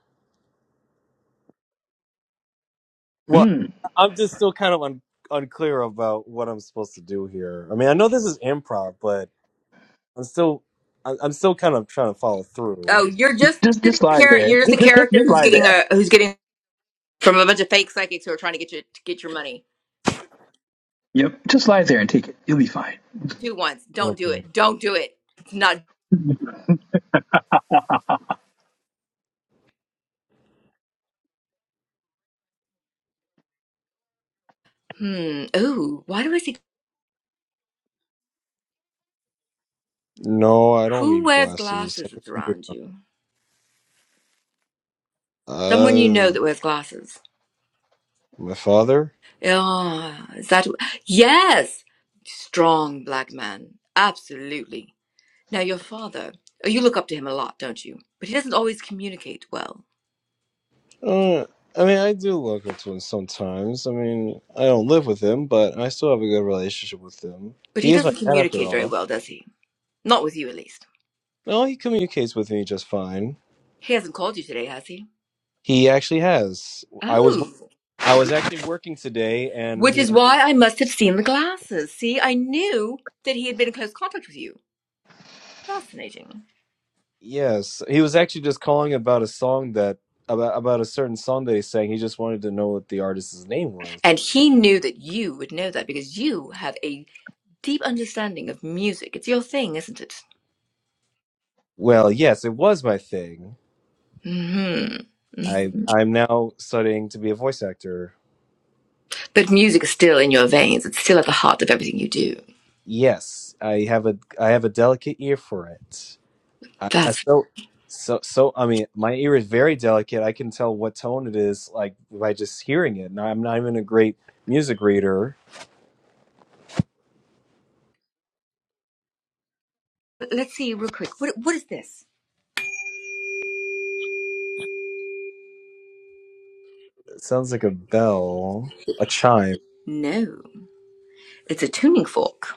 Well, Mm. I'm just still kind of un- unclear about what I'm supposed to do here. I mean, I know this is improv, but I'm still, I- I'm still kind of trying to follow through. Oh, you're just Just, the just lie char- there. you're just a Just, just, character just who's lie getting there. a who's getting from a bunch of fake psychics who are trying to get you to get your money. Yep. Just lie there and take it. You'll be fine. Two once. Don't do Okay. it. Don't do it. It's Not. Hmm. Ooh, why do I see No, I don't who need wears glasses. I glasses can that's figure- around you? Someone you know Uh, that wears glasses. my father? Oh, is that yes? Strong black man. Absolutely. Now your father, oh, you look up to him a lot, don't you? But he doesn't always communicate well. Uh, I mean, I do look up to him sometimes. I mean, I don't live with him, but I still have a good relationship with him. But he He is my doesn't dad, after communicate very all. well, does he? Not with you at least. No, he communicates with me just fine. He hasn't called you today, has he? He actually has. I was wor- Oh. I was actually working today, and Which he is why I must have seen the glasses. See, I knew that he had been in close contact with you. Fascinating. yes, he was actually just calling about a song that about about a certain song that he sang. He just wanted to know what the artist's name was. And he knew that you would know that because you have a deep understanding of music. It's your thing, isn't it? Well, yes, it was my thing. hmm I I'm now studying to be a voice actor. But music is still in your veins. It's still at the heart of everything you do. Yes, I have a I have a delicate ear for it. I, I That's. so so so I mean, my ear is very delicate. I can tell what tone it is like by just hearing it. And I'm not even a great music reader Let's see, real quick. What, what is this? It sounds like a bell, a chime, No, it's a tuning fork.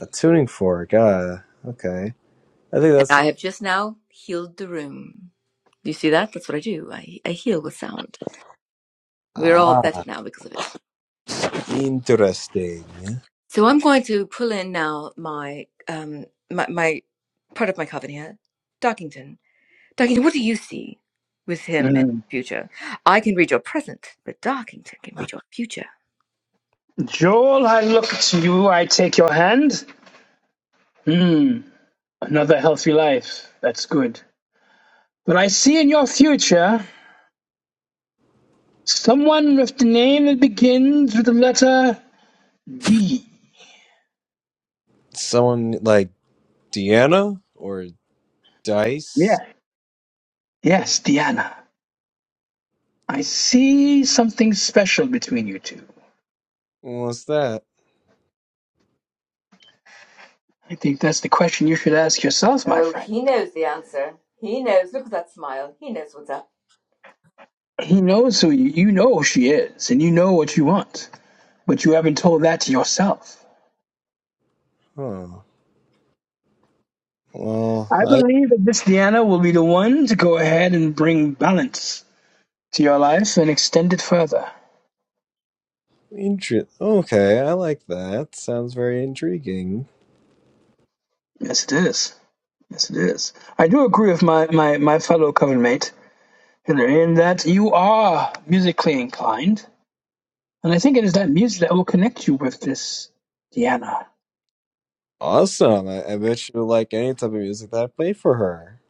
a tuning fork. Ah, okay. I think And that's I have just now healed the room. Do you see that? That's what I do. I, I heal with sound. We're all ah better now because of it. interesting. So I'm going to pull in now my um my, my part of my coven here, Dockington. Darkington, what do you see with him and Mm. his future? I can read your present, but Darkington can read your future. Joel, I look to you, I take your hand. Hmm, another healthy life. That's good. But I see in your future someone with the name that begins with the letter D. Someone like Deanna or Dice. Yeah. Yes, Diana. I see something special between you two. What's that? I think that's the question you should ask yourself, my Oh, friend. he knows the answer. He knows. Look at that smile. He knows what's up. He knows who you, you know who she is, and you know what you want, but you haven't told that to yourself. Huh. Well, I I believe that this Diana will be the one to go ahead and bring balance to your life and extend it further. intre- Okay, I like that. Sounds very intriguing. Yes, it is. Yes, it is. I do agree with my, my, my fellow coven mate, Hillary, in that you are musically inclined. And I think it is that music that will connect you with this Diana. Awesome. I, I bet you like any type of music that I play for her.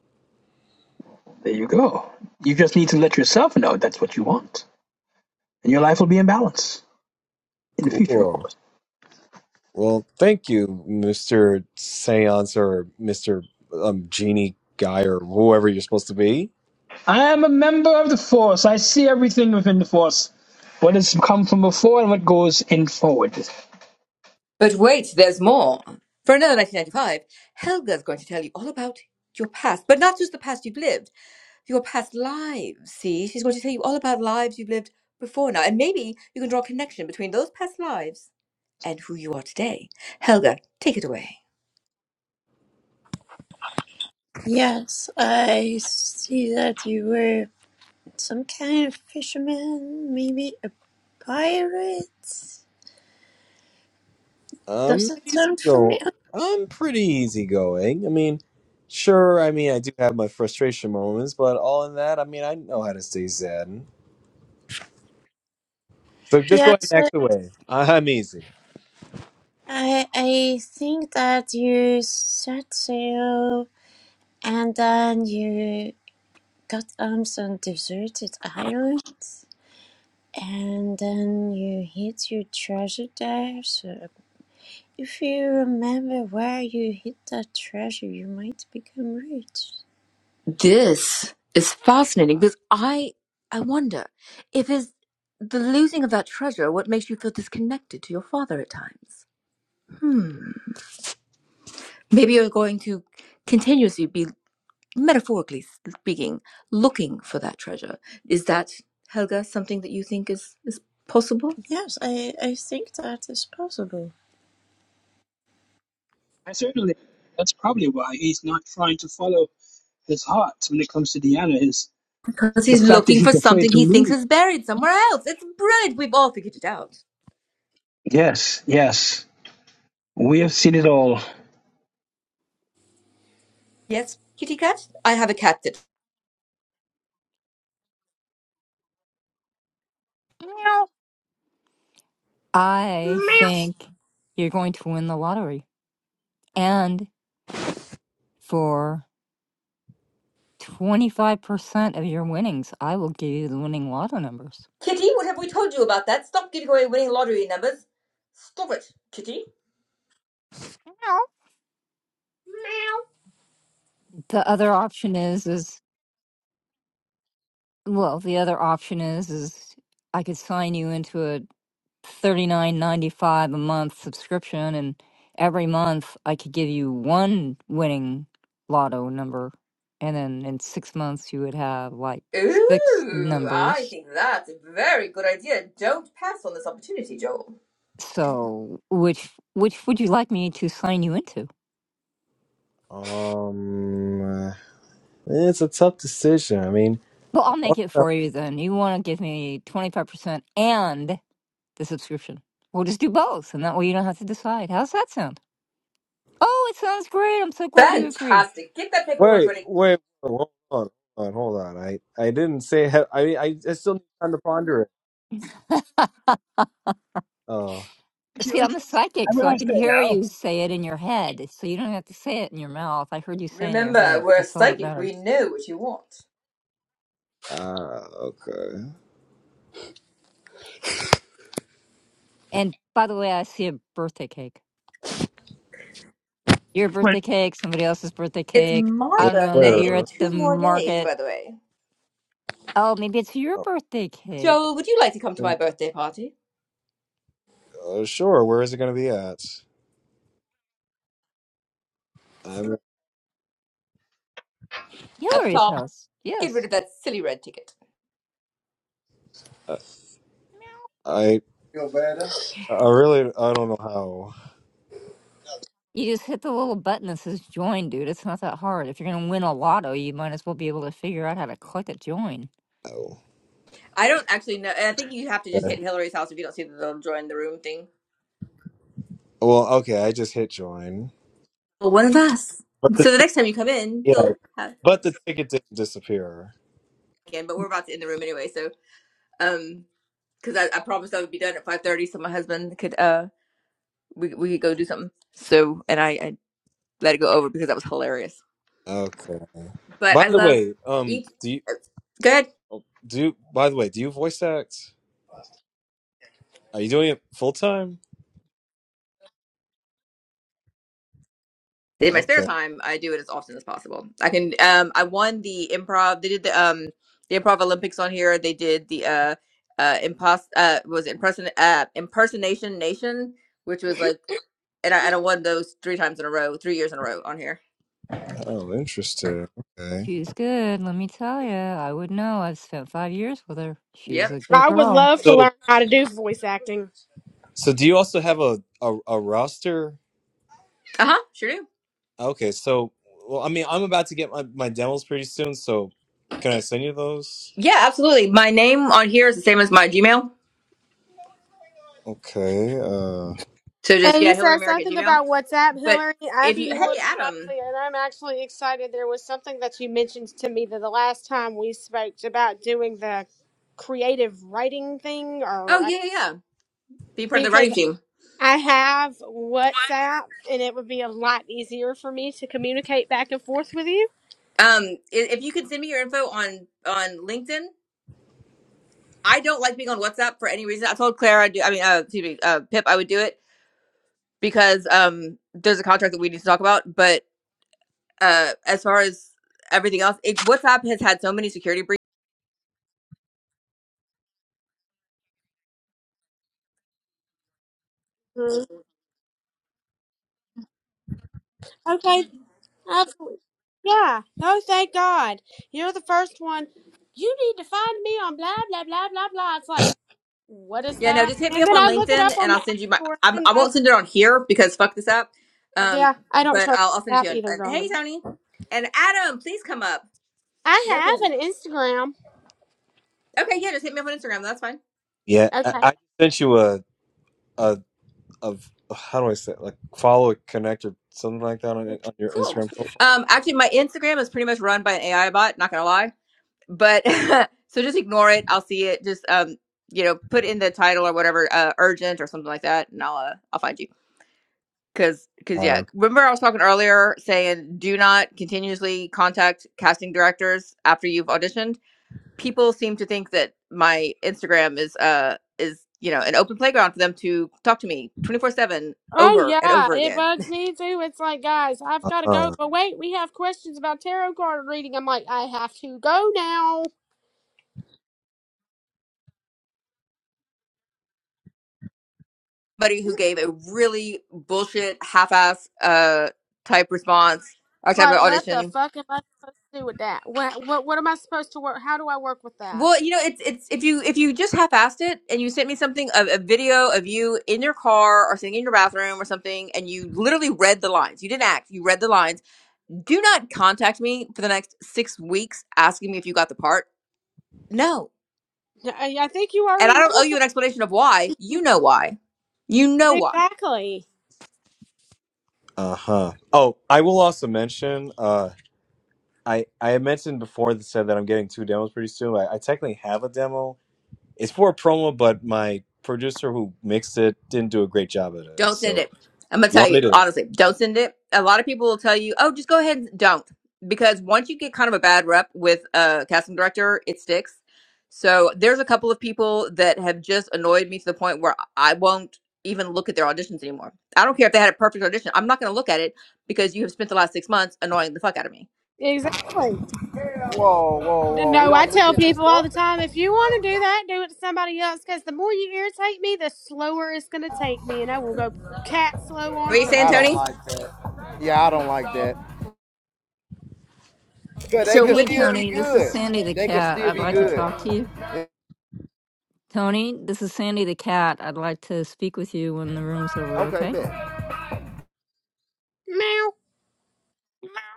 There you go. You just need to let yourself know that's what you want. And your life will be in balance in the future, of Cool. course. Well, thank you, Mr. Seance or Mr. Um, Genie guy or whoever you're supposed to be. I am a member of the Force. I see everything within the Force. What has come from before and what goes in forward. But wait, there's more. For another 1995, Helga's going to tell you all about your past, but not just the past you've lived. your past lives. See, she's going to tell you all about lives you've lived before now, and maybe you can draw a connection between those past lives and who you are today. Helga, take it away. Yes, I see that you were some kind of fisherman, maybe a pirate. Does Um, it easy sound go. familiar? I'm pretty easygoing. I mean, sure, I mean, I do have my frustration moments, but all in that, I mean, I know how to stay saddened. So just go ahead Yes, and I, act away. I'm easy. I I think that you set sail and then you got on some deserted island and then you hid your treasure there. So if you remember where you hid that treasure, you might become rich. This is fascinating because I I wonder if is the losing of that treasure what makes you feel disconnected to your father at times. Hmm. Maybe you're going to continuously be metaphorically speaking looking for that treasure. Is that Helga something that you think is is possible? Yes, I, I think that is possible. I certainly. That's probably why he's not trying to follow his heart when it comes to Deanna is Because the he's fact that looking for he's afraid something to he thinks move. is buried somewhere else. It's brilliant. We've all figured it out. Yes, yes. We have seen it all. Yes, kitty cat? I have a cat that. Meow. I Meow think you're going to win the lottery. And for 25% of your winnings. I will give you the winning lotto numbers. Kitty, what have we told you about that? Stop giving away winning lottery numbers. Stop it, kitty. No, meow. The other option is is well, the other option is is I could sign you into a 39.95 a month subscription and every month I could give you one winning lotto number and then in 6 months you would have like six Ooh, I numbers. think that's a very good idea. Don't pass on this opportunity, Joel. So, which which would you like me to sign you into? Um, it's a tough decision. I mean, Well, I'll make it also, for you then. You want to give me 25% and the subscription. We'll just do both, and that way you don't have to decide. How's that sound? Oh, it sounds great. I'm so glad you agree. Fantastic. Get that paperwork wait, ready. wait, hold on, hold on, hold on. I, I didn't say, I, I, I still need time to ponder it. Oh, Thank you. See, I'm a psychic, Have a so I nice can day hear now. you say it in your head. So you don't have to say it in your mouth. I heard you say it in your Remember, head. we're That's all that psychic. matters. We know what you want. uh, okay. And by the way, I see a birthday cake. Your Wait, birthday cake, somebody else's birthday It's cake. my Where? I don't know. birthday Maybe you're in where at the two more days, market. by the way. Oh, maybe it's your birthday cake. Joel, would you like to come to my oh, birthday party? uh, sure. Where is it going to be at? I mean, up Hillary's top. house. Get rid Yes. of that silly red ticket. I, Meow. I I really, I don't know how. You just hit the little button that says join, dude. It's not that hard. If you're gonna win a lotto, you might as well be able to figure out how to click a join. Oh, I don't actually know. I think you have to just okay. hit Hillary's house if you don't see the little join the room thing. Well, okay. I just hit join, Well, one of us. but the So the tic- next time you come in, yeah, you'll have but the ticket didn't disappear. again. But we're about to end the room anyway. So, um, because I, I promised I would be done at five thirty, so my husband could uh we we could go do something. So and I, I let it go over because that was hilarious. Okay. But By I the love way, um, each. do you Good. oh, do? you- By the way, do you voice act? Are you doing it full time? In my spare Okay. time, I do it as often as possible. I can. Um, I won the improv. They did the um the improv Olympics on here. They did the uh uh impos uh was it imperson uh impersonation nation, which was like and I, and I won those three times in a row, three years in a row on here. Oh, interesting. Okay. She's good, let me tell you. I would know. I've spent five years with her. She's Yep. a good I would girl. love to So, learn how to do voice acting. so do you also have a a, a roster? Uh huh. Sure do. Okay, so well, I mean, I'm about to get my, my demos pretty soon, so can I send you those? Yeah, absolutely. My name on here is the same as my Gmail. Okay. Uh, So just And yeah, you Hillary said Merrick at something Gmail. about WhatsApp, But Hillary. I'd if you be more hey than Adam, likely, and I'm actually excited. There was something that you mentioned to me that the last time we spoke about doing the creative writing thing, oh or uh, yeah, yeah, yeah. be part of the because writing team. I have WhatsApp, and it would be a lot easier for me to communicate back and forth with you. Um, i- if you could send me your info on on LinkedIn, I don't like being on WhatsApp for any reason. I told Claire I do. I mean, uh, excuse me, uh, Pip, I would do it because um, there's a contract that we need to talk about. But uh, as far as everything else, it, WhatsApp has had so many security breaches Mhm. Okay, absolutely. Yeah. Oh, thank God. You're the first one. You need to find me on blah blah blah blah blah. It's like, what is Yeah, no, that? just hit me And up then on I look it LinkedIn up and on the I'll app send you my. store, I'm, and I I won't send it on here because fuck this up. Um, yeah, I don't but trust I'll, I'll the send it to app you. And, either, and- hey, darling. Tony, and Adam, please come up. Love I him. have an Instagram. Okay, yeah, just hit me up on Instagram. That's fine. yeah, I, Okay. I sent you a a of how do I say it? like follow connect or something like that on on your Cool. Instagram Um, actually, my Instagram is pretty much run by an AI bot. Not gonna lie, but so just ignore it. I'll see it. Just um, you know, put in the title or whatever, uh, urgent or something like that, and I'll uh, I'll find you. Cause, cause yeah, profile. remember I was talking earlier saying do not continuously contact casting directors after you've auditioned. People seem to think that my Instagram is uh is you know an open playground for them to talk to me twenty four seven Oh over and yeah, over it again. bugs me too. It's like, guys, I've Uh got to go. huh. But wait, we have questions about tarot card reading. I'm like, I have to go now. somebody who gave a really bullshit half-ass uh type response or type of Like, what the audition fuck am I supposed to do with that? What what what am I supposed to work? How do I work with that? well you know it's it's if you if you just half-assed it and you sent me something a, a video of you in your car or sitting in your bathroom or something and you literally read the lines you didn't act you read the lines do not contact me for the next six weeks asking me if you got the part no I, I think you and i already don't know owe you an explanation of why you know why you know it. why exactly. Uh huh. Oh, I will also mention. Uh, I I had mentioned before that said that I'm getting two demos pretty soon. I, I technically have a demo. It's for a promo, but my producer who mixed it didn't do a great job at it. Don't send So it. I'm gonna do you tell want you me to? honestly, don't send it. A lot of people will tell you, oh, just go ahead and don't, because once you get kind of a bad rep with a casting director, it sticks. So there's a couple of people that have just annoyed me to the point where I won't even look at their auditions anymore. I don't care if they had a perfect audition. I'm not gonna look at it because you have spent the last six months annoying the fuck out of me. Exactly. Whoa, whoa, D- whoa. We No, I don't look tell at your people all the stuff? time, if you want to do that, do it to somebody else. Because the more you irritate me, the slower it's going to take me, and I will go cat slow on What are you saying, I don't Tony? purpose. like that. Yeah, I don't like that. Cause they So could Hey, with still your be Tony, this is good. Sandy the They could cat. still I'd be like to good. talk to you. Yeah, Tony, this is Sandy the cat. I'd like to speak with you when the room's over, Okay, okay? man. Meow.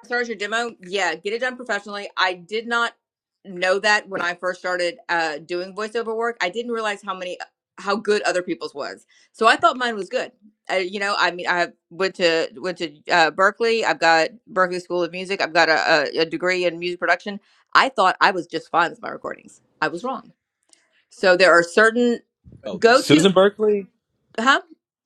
start your demo, yeah, get it done professionally. I did not know that when I first started uh, doing voiceover work. I didn't realize how many how good other people's was. So I thought mine was good. Uh, you know, I mean, I went to went to uh, Berkeley. I've got Berkeley School of Music. I've got a, a, a degree in music production. I thought I was just fine with my recordings. I was wrong. So there are certain Oh, go to Susan Berkeley. huh?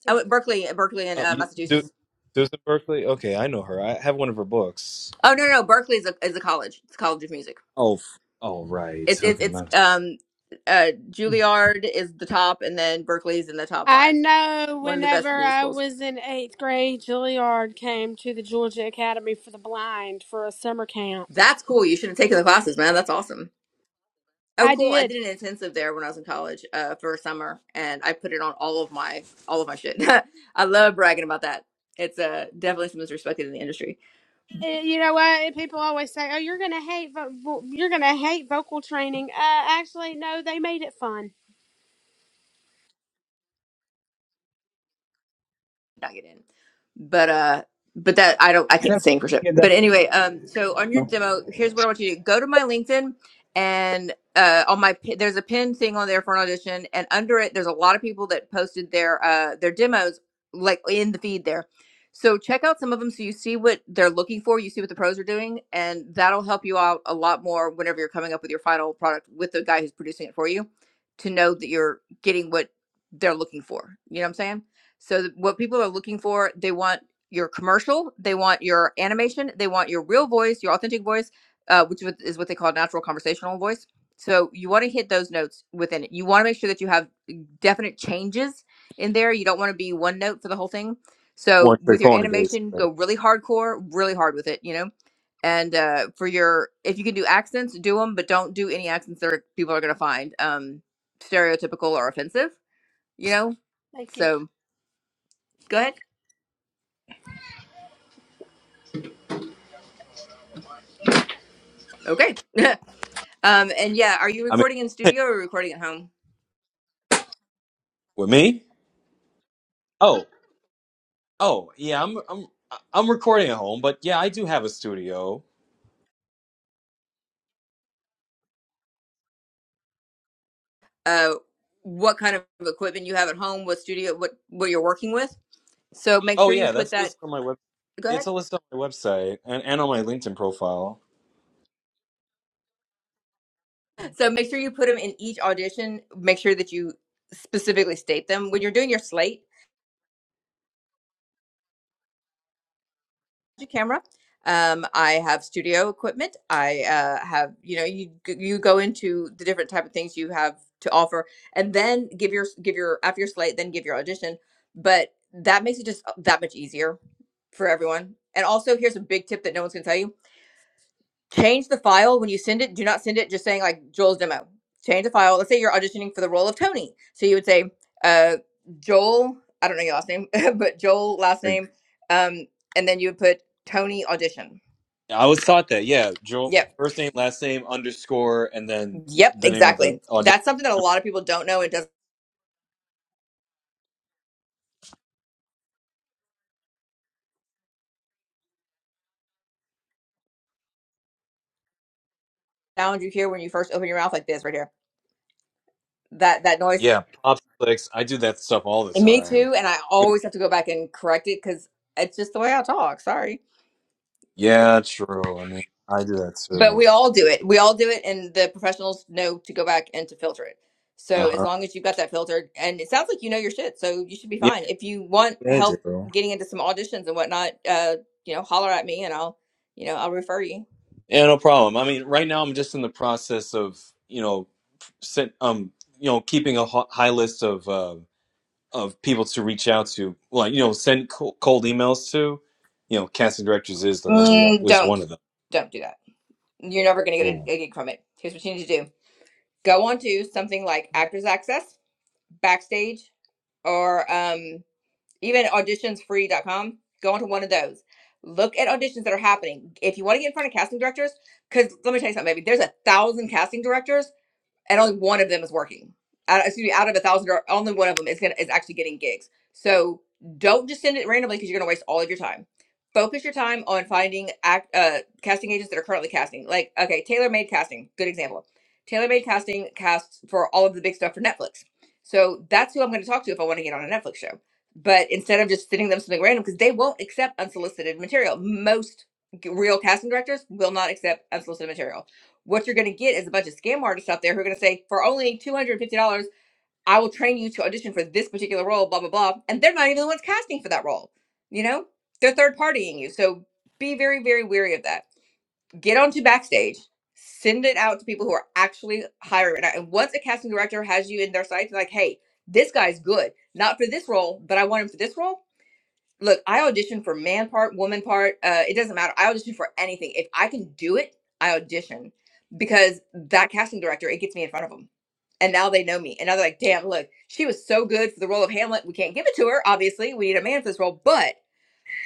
I went Berkeley, Berkeley in Oh, uh, you, Su- Massachusetts. Susan Berkeley. Okay, I know her. I have one of her books. Oh no, no, no. Berkeley is a is a college. It's a college of music. Oh, f- oh, right. It's it's Okay, it's my um uh Juilliard is the top and then Berkeley's in the top I five. know One of the whenever best music I schools. was in eighth grade, Juilliard came to the Georgia Academy for the Blind for a summer camp. That's cool. You should have taken the classes, man. That's awesome. Oh I cool. I did. did an intensive there when I was in college, uh, for a summer and I put it on all of my all of my shit. I love bragging about that. It's uh definitely something that's respected in the industry. Eh, You know what? People always say, "Oh, you're gonna hate vo- vo- you're gonna hate vocal training." Uh, actually, no. They made it fun. not get in. But uh but that I don't I I can't never sing for shit. get that. But anyway, um so on your demo, here's what I want you to do. Go to my LinkedIn and uh on my pi- there's a pin thing on there for an audition and under it there's a lot of people that posted their uh their demos like in the feed there. So check out some of them so you see what they're looking for, you see what the pros are doing and that'll help you out a lot more whenever you're coming up with your final product with the guy who's producing it for you to know that you're getting what they're looking for. You know what I'm saying? So what people are looking for, they want your commercial, they want your animation, they want your real voice, your authentic voice, uh, which is is what they call natural conversational voice. So you want to hit those notes within it. You want to make sure that you have uh, definite changes in there. You don't want to be one note for the whole thing. So one with trick your pony, animation, basically. go really hardcore, really hard with it, you know. And uh, for your, if you can do accents, do them, but don't do any accents that are, people are going to find um, stereotypical or offensive, you know. Thank you. So go ahead. Okay. um, and yeah, are you I mean, recording in studio or recording at home? with me. Oh, oh, yeah. I'm, I'm, I'm recording at home, but yeah, I do have a studio. Uh, what kind of equipment you have at home? What studio? What what you're working with? So make Oh, sure you yeah, put that's that. listed on my web. Go It's a ahead. list on my website and, and on my LinkedIn profile. So make sure you put them in each audition. Make sure that you specifically state them when you're doing your slate. camera. Um, I have studio equipment. I uh, have, you know, you you go into the different type of things you have to offer, and then give your give your after your slate, then give your audition. But that makes it just uh, that much easier for everyone. And also, here's a big tip that no one's gonna tell you change the file when you send it. Do not send it just saying like Joel's demo. Change the file. Let's say you're auditioning for the role of Tony. So you would say, uh, Joel, I don't know your last name, but Joel last Like, name. Um, and then you would put Tony audition. I was taught that. Yeah, Joel, Yep. first name, last name, underscore, and then Yep. the name of the Exactly. audition. That's something that a lot of people don't know. It doesn't sound you hear when you first open your mouth like this right here. That, that noise. Yeah, pop clicks. I do that stuff all the And me time. too. And I always have to go back and correct it because it's just the way I talk. Sorry. Yeah, true. I mean, I do that But too. we all do it. We all do it, and the professionals know to go back and to filter it. So as Uh-huh. long as you've got that filtered, and it sounds like you know your shit, so you should be Yeah, fine. If you want yeah, I help do. getting into some auditions and whatnot, uh, you know, holler at me, and I'll, you know, I'll refer you. Yeah, no problem. I mean, right now I'm just in the process of, you know, sent, um, you know, keeping a ho- high list of uh, of people to reach out to, like, you know, send co- cold emails to. You know, casting directors is the number one Mm, was don't, one of them. don't do that. You're never gonna get a, Oh, a gig from it. Here's what you need to do: go on to something like Actors Access, Backstage, or um, even auditionsfree.com, go onto one of those. Look at auditions that are happening. If you want to get in front of casting directors, because let me tell you something, baby, there's a thousand casting directors and only one of them is working. Out, excuse me, out of a thousand, only one of them is gonna is actually getting gigs. So don't just send it randomly because you're gonna waste all of your time. Focus your time on finding act uh casting agents that are currently casting. Like okay, Tailor Made Casting, good example. Tailor Made Casting casts for all of the big stuff for Netflix. So that's who I'm going to talk to if I want to get on a Netflix show. But instead of just sending them something random, because they won't accept unsolicited material. Most g- real casting directors will not accept unsolicited material what you're going to get is a bunch of scam artists out there who are going to say, for only $250, I will train you to audition for this particular role, blah, blah, blah. And they're not even the ones casting for that role. You know, they're third partying you. So be very, very wary of that. Get onto Backstage, send it out to people who are actually hiring. And once a casting director has you in their sights, like, hey, this guy's good, not for this role, but I want him for this role look, I audition for man part, woman part. Uh, it doesn't matter. I audition for anything. If I can do it, I audition because that casting director, it gets me in front of them. And now they know me. And now they're like, damn, look, she was so good for the role of Hamlet. We can't give it to her. Obviously, we need a man for this role. But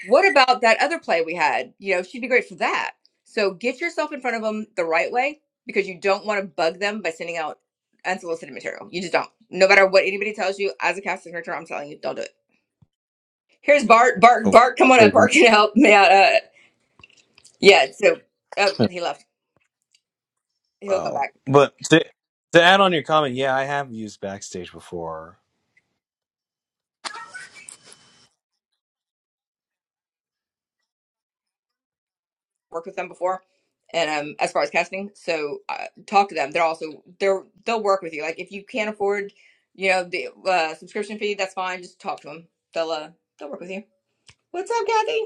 what about that other play we had? You know, she'd be great for that. So get yourself in front of them the right way because you don't want to bug them by sending out unsolicited material. You just don't. No matter what anybody tells you, as a casting director, I'm telling you, don't do it Here's Bart. Bart. oh, Bart, come on up. wait, Bart you can help me out. Uh, yeah. So uh, he left. He'll come oh. back. But to to add on your comment, yeah, I have used Backstage before. Worked with them before, and um, as far as casting, so uh, talk to them. They're also they're they'll work with you. Like if you can't afford, you know, the uh, subscription fee, that's fine. Just talk to them. They'll uh, they'll work with you. What's up, Kathy?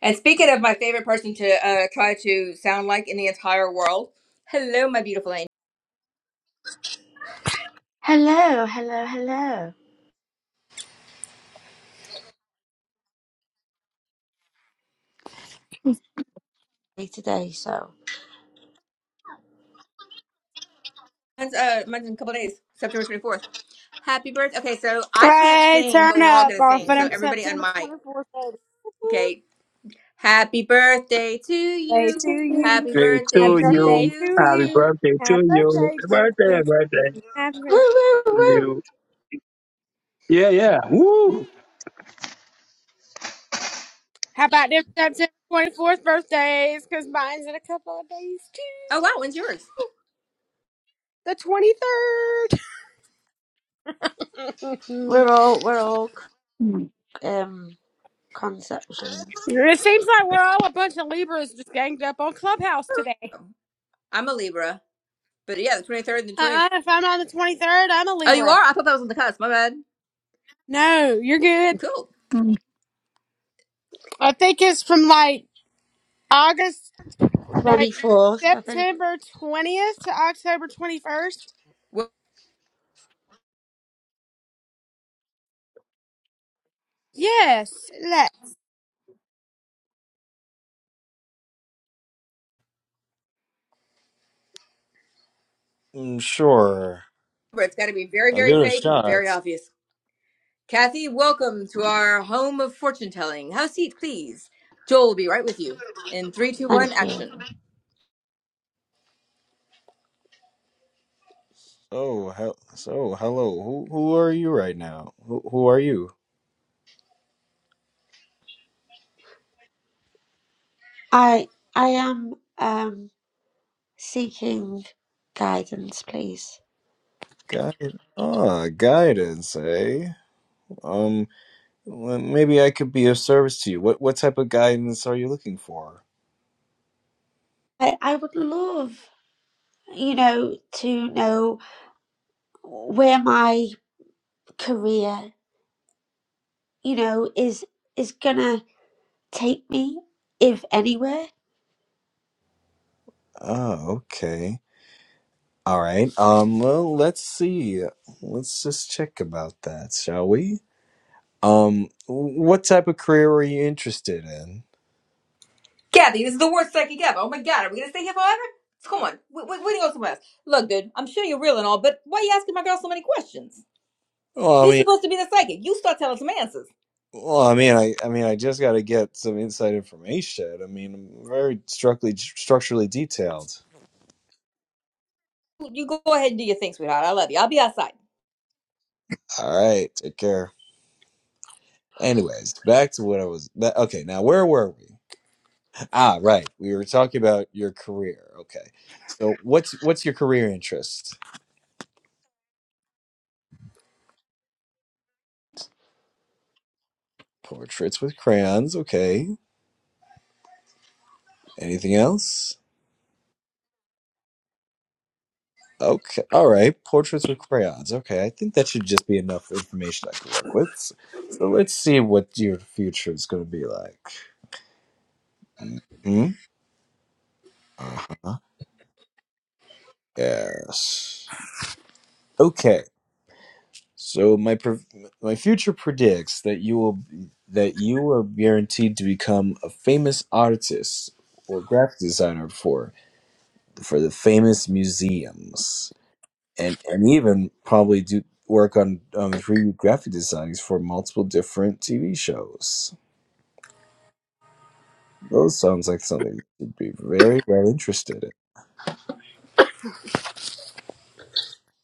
And speaking of my favorite person to uh, try to sound like in the entire world, hello, my beautiful angel. Hello, hello, hello. Hey, Today, so Mine's, uh, mine's in a couple days, September twenty fourth. Happy birthday. Okay, so I can't Hey, sing, turn but we're all up gonna off sing. So on everybody on September mic. twenty fourth. Okay. Happy birthday to Day you. to you. Happy Hey, Happy birthday to to birthday you. you. to Happy you. birthday to Happy you. birthday, Happy birthday, dear happy birthday Jesse. woo, woo, to woo. you. Yeah, yeah. Woo! How about them September 24th birthdays? Because mine's in a couple of days Oh wow, when's too. yours? The 23rd. We're all we're all Mm. um conception it seems like we're all a bunch of Libras just ganged up on Clubhouse today. Oh, I'm a Libra. But yeah, the 23rd and the 20th. Uh-uh, if I'm on the 23rd, I'm a Oh, you Libra. are? I thought that was on the cusp. My bad. No, you're good. Cool. I think it's from like August, no twenty wait, fourth, I think. September 20th to October 21st. Well, Yes, that. Mm, sure, it's gotta be very, I'll give very it a fake and shot. very obvious. Kathy, welcome to our home of fortune telling. Have a seat, please. Joel will be right with you. In three, two, one, Thank you. action. So, hel- so hello. Who who are you right now? Who who are you? I I am um seeking guidance, please. Guide. Ah, guidance, eh? Um, well, maybe I could be of service to you. What what type of guidance are you looking for? I I would love you know to know where my career you know is is gonna take me if anywhere. Oh, okay. All right. Um, well, let's see. Let's just check about that, shall we? Um, what type of career are you interested in? Kathy, this is the worst psychic ever. Oh my god, are we gonna stay here forever? Come on, we, we, we need to go somewhere else. Look, dude, I'm sure you're real and all, but why are you asking my girl so many questions? Well, I You're mean. supposed to be the psychic. You start telling some answers. Well, I mean, I, I mean, I just got to get some inside information. I mean, I'm very structurally structurally detailed. you go ahead and do your thing, sweetheart. I love you. I'll be outside. All right, take care. Anyways, back to what I was. ba- Okay, now where were we? Ah, right, we were talking about your career. Okay, so what's what's your career interest? Portraits with crayons. Okay. Anything else? Okay. All right. Portraits with crayons. Okay. I think that should just be enough information I can work with. So let's see what your future is going to be like. Hmm. Uh-huh. Yes. Okay. So my pre- my future predicts that you will that you are guaranteed to become a famous artist or graphic designer for for the famous museums and and even probably do work on um, 3D graphic designs for multiple different TV shows. Those sounds like something you'd be very well interested in.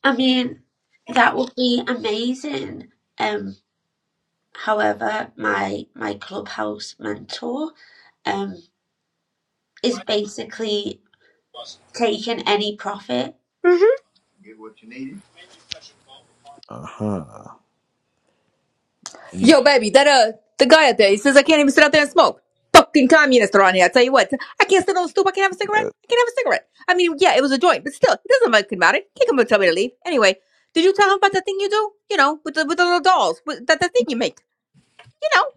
I mean that would be amazing. Um However, my my clubhouse mentor um is basically taking any profit. hmm Uh huh. Any Yo, baby, that uh, the guy out there, he says I can't even sit out there and smoke. Fucking communist around here. I tell you what, I can't sit on the stoop. I can't have a cigarette. uh, I can't have a cigarette. I mean, yeah, it was a joint, but still, it doesn't fucking matter. He can come and tell me to leave. Anyway, did you tell him about the thing you do? You know, with the with the little dolls, with that the thing you make. You know,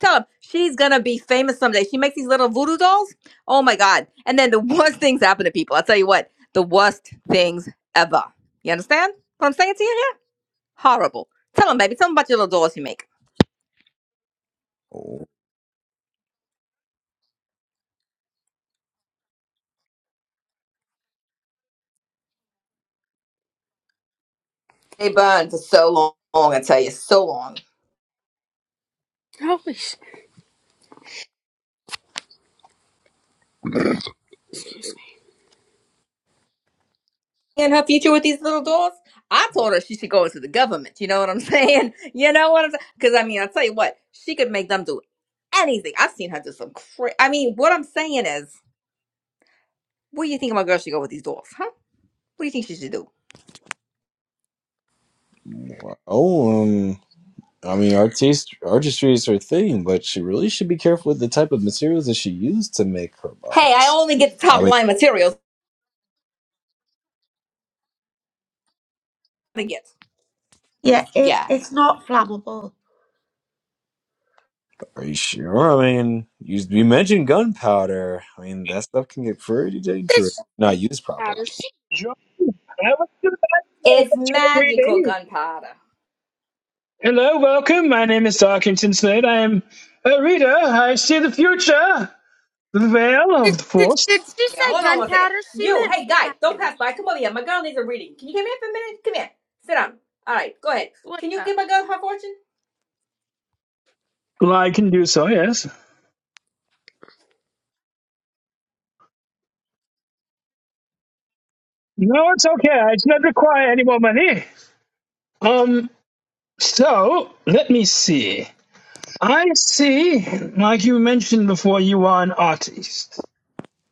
tell him she's gonna be famous someday. She makes these little voodoo dolls. Oh my god! And then the worst things happen to people. I tell you what, the worst things ever. You understand what I'm saying to you here? Horrible. Tell them, baby. Tell them about your little dolls you make. oh, They burned for so long, long, I tell you, so long. Holy shit. And her future with these little dolls, I told her she should go into the government. You know what I'm saying? You know what I'm saying? Because, I mean, I'll tell you what, she could make them do anything. I've seen her do some cra I mean, what I'm saying is, what do you think my girl should go with these dolls, huh? What do you think she should do? um, I mean, artist artistry is her thing, but she really should be careful with the type of materials that she used to make her Hey, I art. only get the I top mean, line materials. I get this Yeah, it, guy. it's not flammable. are you sure? I mean, you, you mentioned gunpowder. I mean, that stuff can get pretty dangerous if This not shit used properly. matters. Sure. Have a good night. Have It's a good magical reading. gunpowder. Hello, welcome. My name is Darkington Slade. I am a reader. I see the future, the veil Did, of the did, force. did she Yeah, say hold on one second. gunpowder? She You, meant hey guy, don't flour. pass by. Come over here. My girl needs a reading. Can you come here for a minute? Come here. Sit down. All right, go ahead. What's Can you up? give my girl her fortune? Well, I can do so, yes. No, it's okay. I do not require any more money. Um, so let me see. I see, like you mentioned before, you are an artist.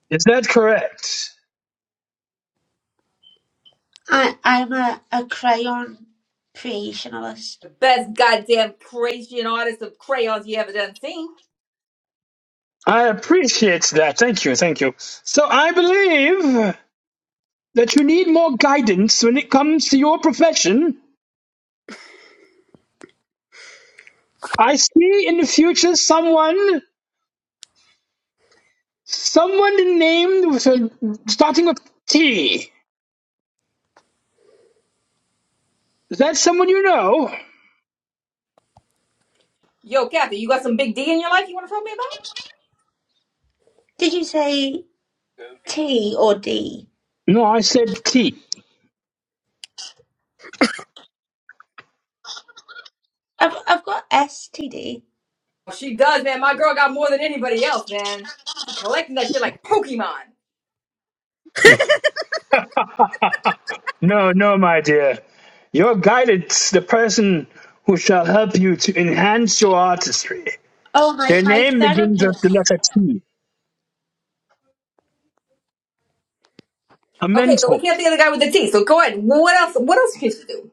Is that correct? I I'm a, a crayon creationalist. The best goddamn creation artist of crayons you ever done seen. I appreciate that. Thank you, thank you. So I believe that you need more guidance when it comes to your profession. I see in the future someone, someone named with a starting with T. Is that someone you know? Yo, Kathy, you got some big D in your life you want to tell me about? Did you say T or D? No, I said T. I've I've got STD. Oh, she does, man. My girl got more than anybody else, man. She collecting that shit like Pokemon. No, no, my dear. Your guidance, the person who shall help you to enhance your artistry. Oh my Their my name begins with the therapist. letter T, a Okay, so we mentor. can't think of the guy with the T. So go ahead. What else? What else can she do?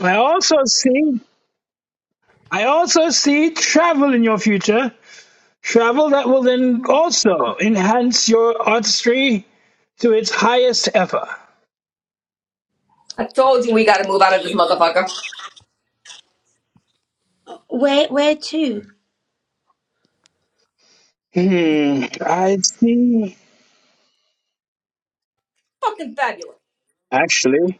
I also see, I also see travel in your future, travel that will then also enhance your artistry to its highest ever. I told you we gotta move out of this motherfucker. Where where to? Hmm, I see. Fucking fabulous. Actually,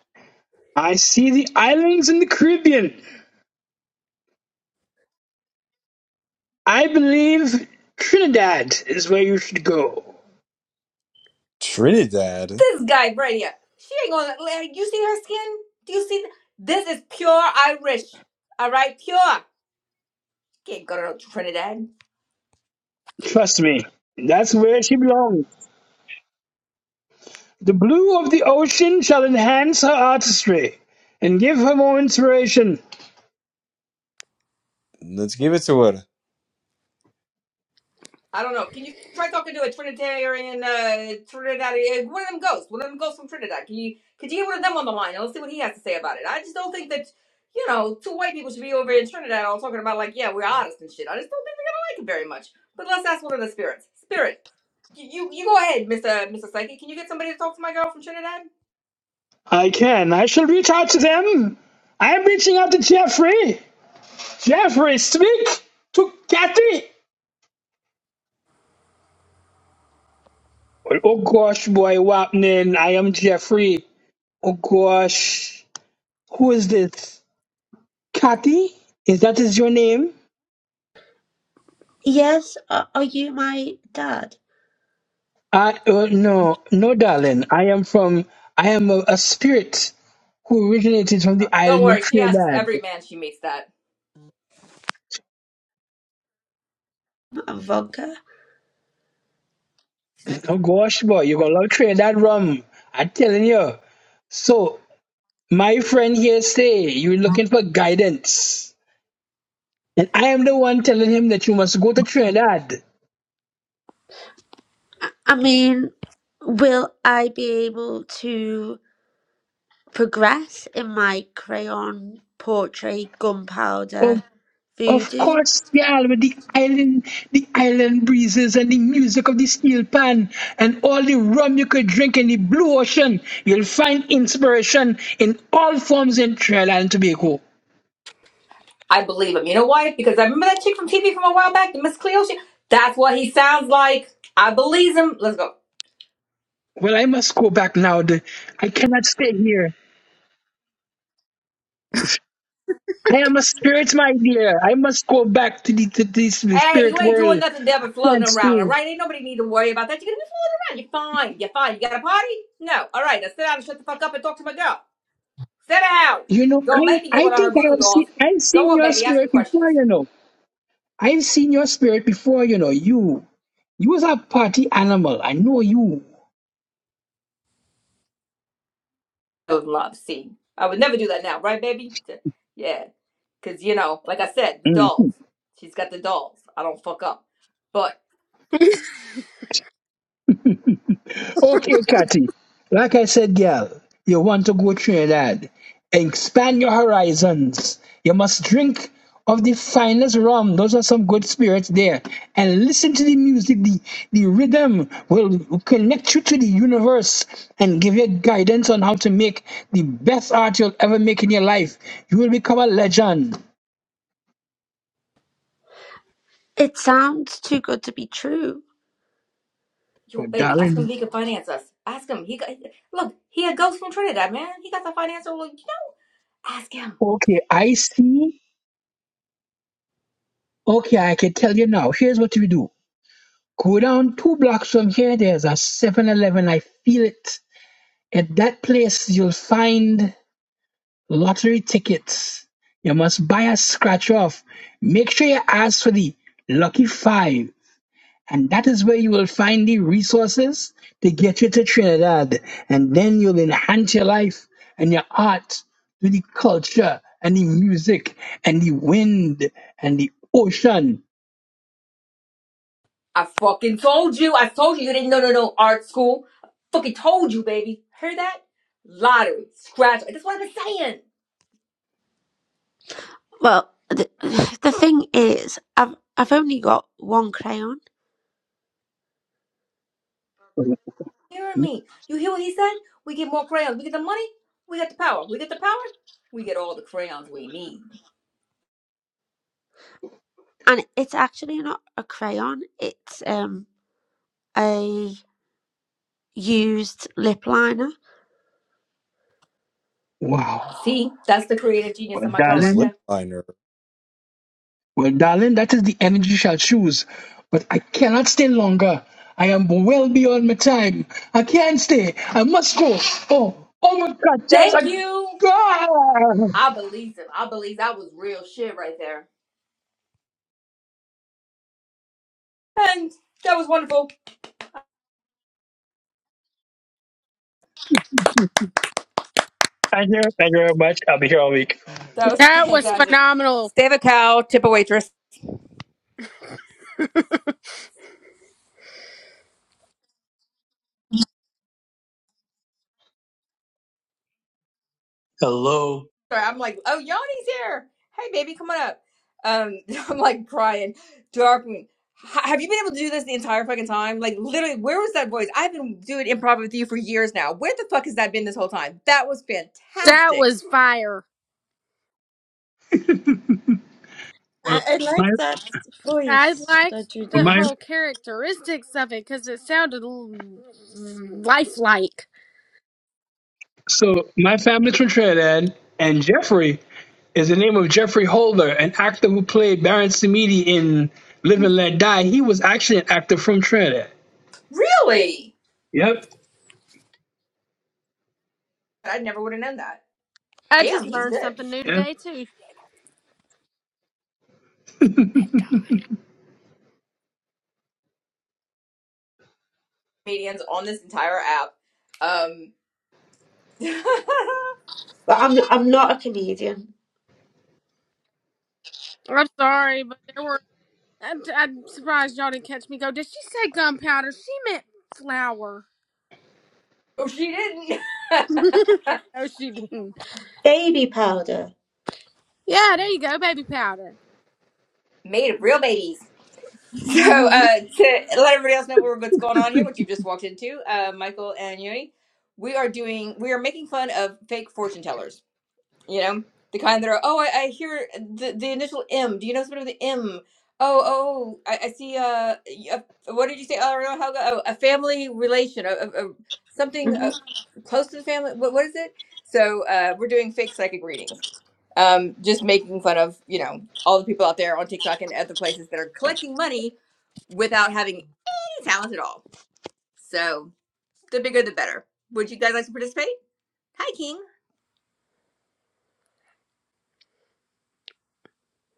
I see the islands in the Caribbean. I believe Trinidad is where you should go. Trinidad, This guy right here. She ain't gonna like you see her skin? Do you see th- this is pure Irish. Alright, pure. Can't go to no Trinidad. Trust me, that's where she belongs. The blue of the ocean shall enhance her artistry and give her more inspiration. let's give it to her. I don't know. Can you try talking to a Trinitarian uh Trinidadian one of them ghosts. One of them ghosts from Trinidad. Can you could you get one of them on the line and let's see what he has to say about it? I just don't think that you know, two white people should be over in Trinidad all talking about like, yeah, we're artists and shit. I just don't think they're gonna like it very much. But let's ask one of the spirits. Spirit, you you, you go ahead, Mister Mister Psyche. Can you get somebody to talk to my girl from Trinidad? I can. I shall reach out to them. I am reaching out to Jeffrey. Jeffrey, speak to Kathy. Well, Oh gosh, boy, Wapnin, I am Jeffrey. Oh gosh. Who is this? Kathy? Is that is your name? Yes, are, are you my dad? I uh, no, no, darling. I am from. I am a, a spirit who originated from the Okay. Don't island of worry, she asks Trinidad. every man she meets that. A vodka. Oh gosh, boy, you gonna love Trinidad rum. I'm telling you. So my friend here say you're looking for guidance, and I am the one telling him that you must go to Trinidad. I mean, will I be able to? progress in my crayon portrait gunpowder Of voodoo. course, the island, the island, the island breezes, and the music of the steel pan, and all the rum you could drink in the blue ocean. You'll find inspiration in all forms in Trinidad and Tobago. I believe him. You know why? Because I remember that chick from TV from a while back, the Miss Cleo. She, that's what he sounds like. I believes him. Let's go. Well, I must go back now. The- I cannot stay here. I am a spirit, my dear. I must go back to the to this the Hey, you spirit ain't doing world. nothing there I but floating can't around, all stay. right? Ain't nobody need to worry about that. You're gonna be floating around. You're fine. You're fine. You got a party? No. All right, now sit down and shut the fuck up and talk to my girl. Sit down. You know, Don't I make me get I one of her think I voodoo have dolls. seen I've Go seen on, your baby. Ask me spirit questions. before. You know, I've seen your spirit before. You know, you. You was a party animal. I know you. Those love. See, I would never do that now, right, baby? Yeah, because you know, like I said, the Mm. dolls. She's got the dolls. I don't fuck up. But Okay, Cathy. Like I said, girl, you want to go Trinidad. Expand your horizons. You must drink of the finest rum. Those are some good spirits there. And listen to the music. The, the rhythm will connect you to the universe and give you guidance on how to make the best art you'll ever make in your life. You will become a legend. It sounds too good to be true. yo, Oh, baby, ask him if darling. he can finance us. Ask him. He got look. He a ghost from Trinidad, man. He got the financial. You know, ask him. Okay, I see Okay, I can tell you now. Here's what you do. Go down two blocks from here. There's a Seven Eleven. I feel it. At that place, you'll find lottery tickets. You must buy a scratch off. Make sure you ask for the lucky five. And that is where you will find the resources to get you to Trinidad. And then you'll enhance your life and your art to the culture and the music and the wind and the ocean. I fucking told you. I told you you didn't know no no art school. I fucking told you, baby. Heard that? Lottery, scratch. That's what I've been saying. Well, the, the thing is, I've I've only got one crayon, hearing me. You hear what he said? We get more crayons. We get the money. We get the power. We get the power. We get all the crayons we need. and it's actually not a crayon. It's um a used lip liner. Wow. See, that's the creative Well, genius of my girl Use right darling, lip there. liner. well, darling, that is the energy shall choose. But I cannot stay longer. I am well beyond my time. I can't stay. I must go. Oh, oh my God. Yes, I Thank you. go. I believe him. I believe that was real shit right there. And that was wonderful. Thank you. Thank you very much. I'll be here all week. That was That was fantastic. phenomenal. Save a cow, tip a waitress. Hello, Sorry, I'm like, oh, Yanni's here. Hey, baby, come on up. Um, I'm like crying, Darkwing. h- Have you been able to do this the entire fucking time? Like, literally, where was that voice? I've been doing improv with you for years now. Where the fuck has that been this whole time? That was That fantastic. was fire. Well, I, I my, like that I voice liked that you the my, did. whole characteristics of it because it sounded l- lifelike. so my family's from Trinidad, and Jeffrey is the name of Jeffrey Holder, an actor who played Baron Samedi in Live and Let Die. He was actually an actor from Trinidad. Really? Yep. I never would have known that. I Damn, just he's learned good. something new Yep. today too. Comedians on this entire app. Um, oh, But I'm I'm not a comedian. I'm sorry, but there were. I'm, I'm surprised y'all didn't catch me go. Did she say gunpowder? She meant flour. she didn't. no, she didn't. Baby powder. Yeah, there you go, baby powder. Made of real babies. So uh, to let everybody else know what's going on here, what you've just walked into, uh, Michael and Yoni, we are doing, we are making fun of fake fortune tellers. You know, the kind that are, oh, I, I hear the, the initial M. Do you know something with the M? Oh, oh, I, I see. Uh, y- a, what did you say? Oh, no, how, oh, a family relation, a, a, a- something uh, close to the family. What, what is it? So uh, we're doing fake psychic readings. Um, just making fun of you know all the people out there on TikTok and other places that are collecting money without having any talent at all. So the bigger the better. Would you guys like to participate? Hi, King.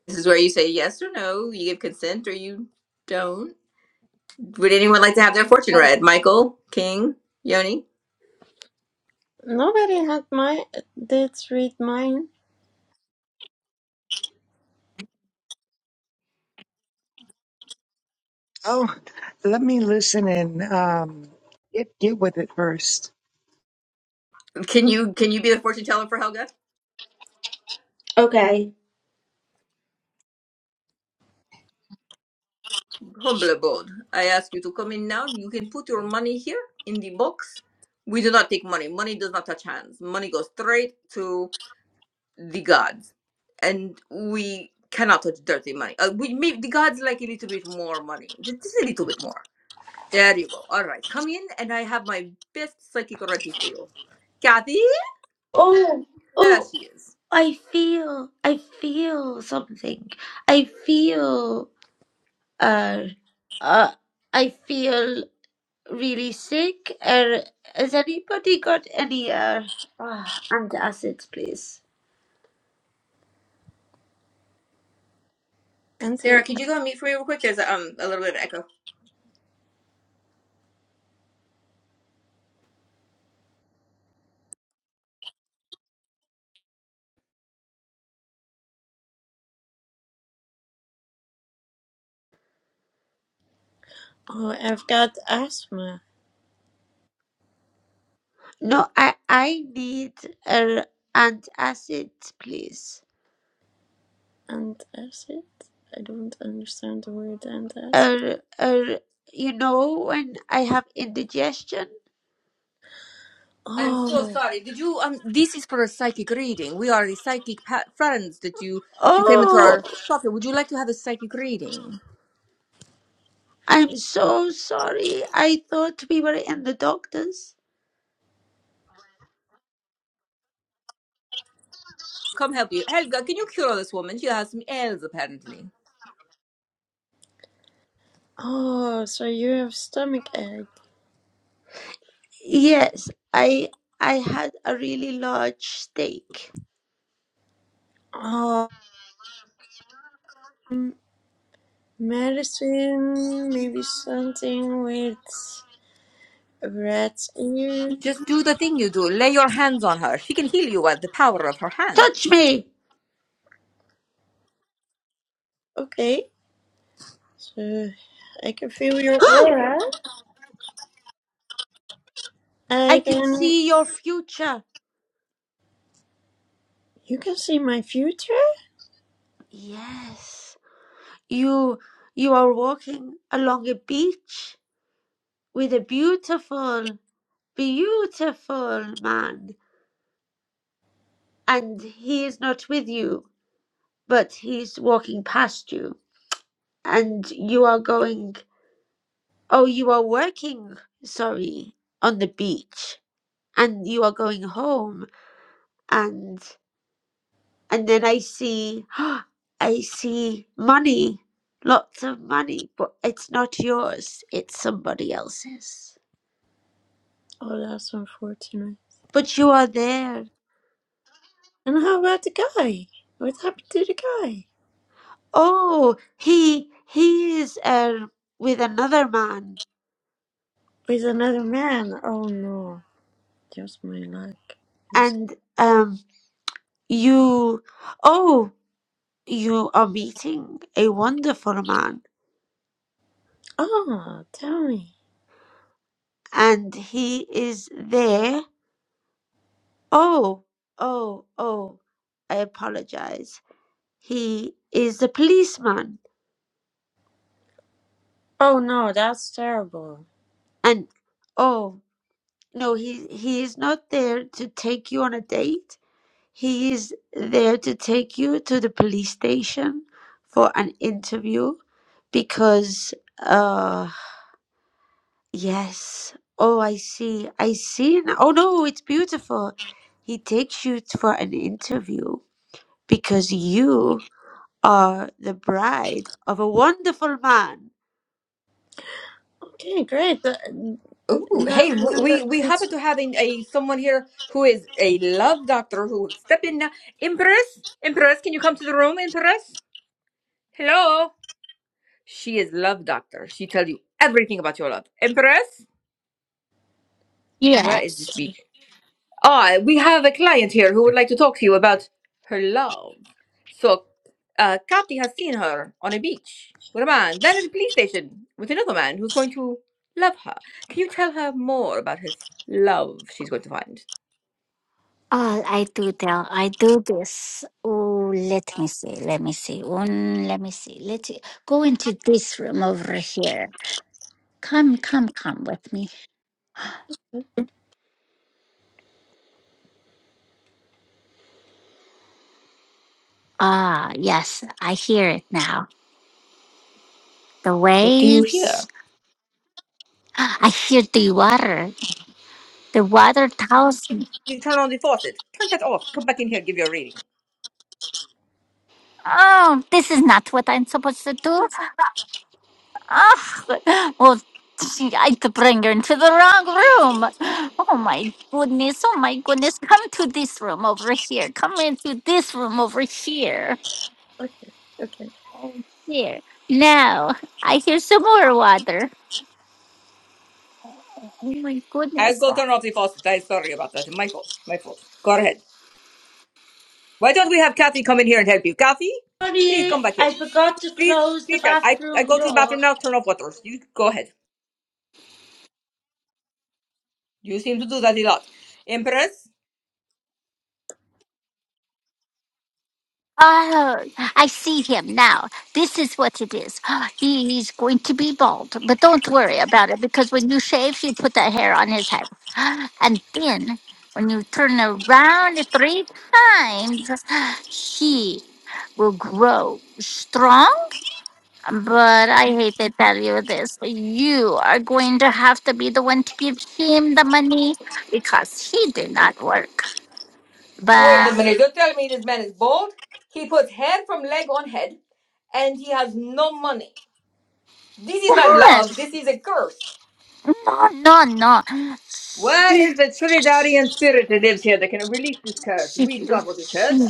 This is where you say yes or no. You give consent or you don't. Would anyone like to have their fortune Oh, read? Michael, King, Yoni? Nobody had my did read mine. oh, let me listen and um, get get with it first. Can you can you be the fortune teller for Helga? Okay. Humble abode. I ask you to come in now. You can put your money here in the box. We do not take money. Money does not touch hands. Money goes straight to the gods and we cannot touch dirty money uh, we maybe the gods like a little bit more money Ju- just a little bit more there you go all right come in and i have my best psychic already for you kathy Oh there oh. she is I feel, I feel something. I feel. uh, uh, I feel really sick. Or has anybody got any uh, uh, antacids, please? Auntie, sarah could you go on mute for me real quick there's a, um a little bit of echo oh, I've got asthma No, I I need uh, antacid, please. and acid. I don't understand the word and acid. Uh, uh, you know when I have indigestion. i'm so Oh, sorry did you um this is for a psychic reading we are the psychic pa- friends that you you came into Oh, our shop here would you like to have a psychic reading I'm so sorry. I thought we were in the doctor's. come help you. Helga, can you cure this woman? She has some ails, apparently. oh, so you have stomach ache. Yes, I I had a really large steak. Oh, mm, medicine, maybe something with rat's ears. Just do the thing you do. Lay your hands on her. She can heal you with the power of her Touch hands. me. Okay, so I can feel your aura. I I can can. see your future. You can see my future. Yes, you you are walking along a beach with a beautiful, beautiful man, and he is not with you, but he's walking past you, and you are going. Oh, you are working. Sorry, on the beach, and you are going home, and. and then I see, I see money, lots of money, but it's not yours, it's somebody else's. Oh, that's unfortunate. But you are there. And how about the guy? What happened to the guy? Oh, he he is uh, with another man, With another man? Oh no, just my luck. He's... and um, you, oh, you are meeting a wonderful man, Oh, tell me. and he is there. Oh, oh, oh, I apologize. He is a policeman Oh no, that's terrible. And oh, no, he he is not there to take you on a date. He is there to take you to the police station for an interview because uh yes. Oh, I see. I see. now. Oh no, it's beautiful. He takes you for an interview because you are the bride of a wonderful man. Okay, great. Th- Ooh, Not hey, one we, we that we happen it's... to have a, a someone here who is a love doctor who step in now. Empress, Empress, can you come to the room, Empress? Hello. She is love doctor. She tells you everything about your love. Empress, where is this Yes. bitch? Ah, we have a client here who would like to talk to you about her love. So, uh, Kathy has seen her on a beach with a man, then at a police station with another man who's going to love her. Can you tell her more about his love she's going to find? Oh, I do tell. I do this. Oh, let me see. Let me see. One, let me see. Let's go into this room over here. Come, come, come with me. Ah, yes. I hear it now. The What do you waves. hear? Ah, I hear the water. The water tells me. You turn on the faucet. Turn that off. Come back in here. Give your reading. Oh, this is not what I'm supposed to do. Ah, well, she, I could bring her into the wrong room. Oh my goodness, oh my goodness. Come to this room over here. Come into this room over here. Okay, okay. Here. Now, I hear some more water. Oh my I'll goodness. go turn off the faucet. I'm sorry about that. My fault. My fault. Go ahead. Why don't we have Kathy come in here and help you? Kathy, please Honey, come back here. I forgot to Please, close the please. I, I bathroom go to the door. bathroom now. Turn off waters. You go ahead. You seem to do that a lot. Empress? Oh, I see him now. This is what it is. He's going to be bald, but don't worry about it because when you shave, you put that hair on his head. And then when you turn around three times, he will grow strong. But I hate to tell you this. You are going to have to be the one to give him the money because he did not work. Wait a But minute. You're telling me this man is bald? He puts head from leg on head and he has no money. This is not What? love. This is a curse. No, no, no. What is the Trinidadian spirit that lives here that can release this curse? She, she, We do not want this curse. she,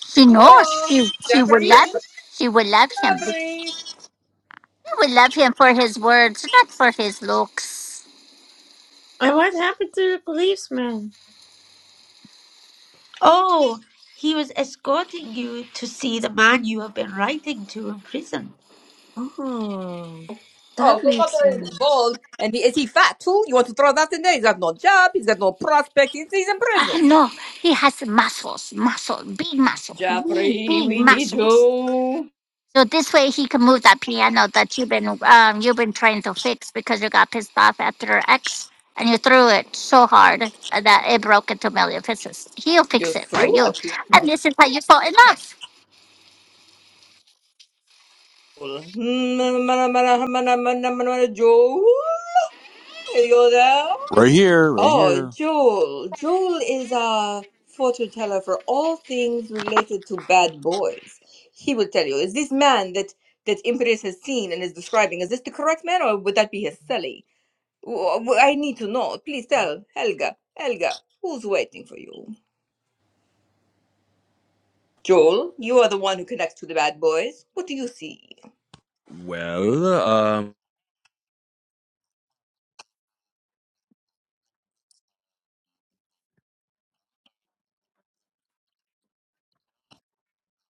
she knows Hello? she, she will Jeffrey? love she will love him. She Jeffrey? will love him for his words, not for his looks. And what happened to the policeman? Oh, he was escorting you to see the man you have been writing to in prison. Oh, Oh, that so not makes only is he sense. bald, and he, is he fat too? You want to throw that in there? He's got no job, he's got no prospect, he's, he's in Ah, prison. no, he has muscles, muscle, big muscle, big, Jeffrey, big we need muscles. you. So this way he can move that piano that you've been um, you've been trying to fix because you got pissed off after your ex and you threw it so hard that it broke into million pieces. He'll You fix it for threw a you, piano. and this is how you fall in love. Joel, are you there? Right here, right Oh, here. Joel. Joel is a fortune teller for all things related to bad boys. He will tell you, is this man that that Imperius has seen and is describing, is this the correct man or would that be his silly? I need to know. Please tell Helga. Helga, who's waiting for you? Joel, you are the one who connects to the bad boys. What do you see? Well, um,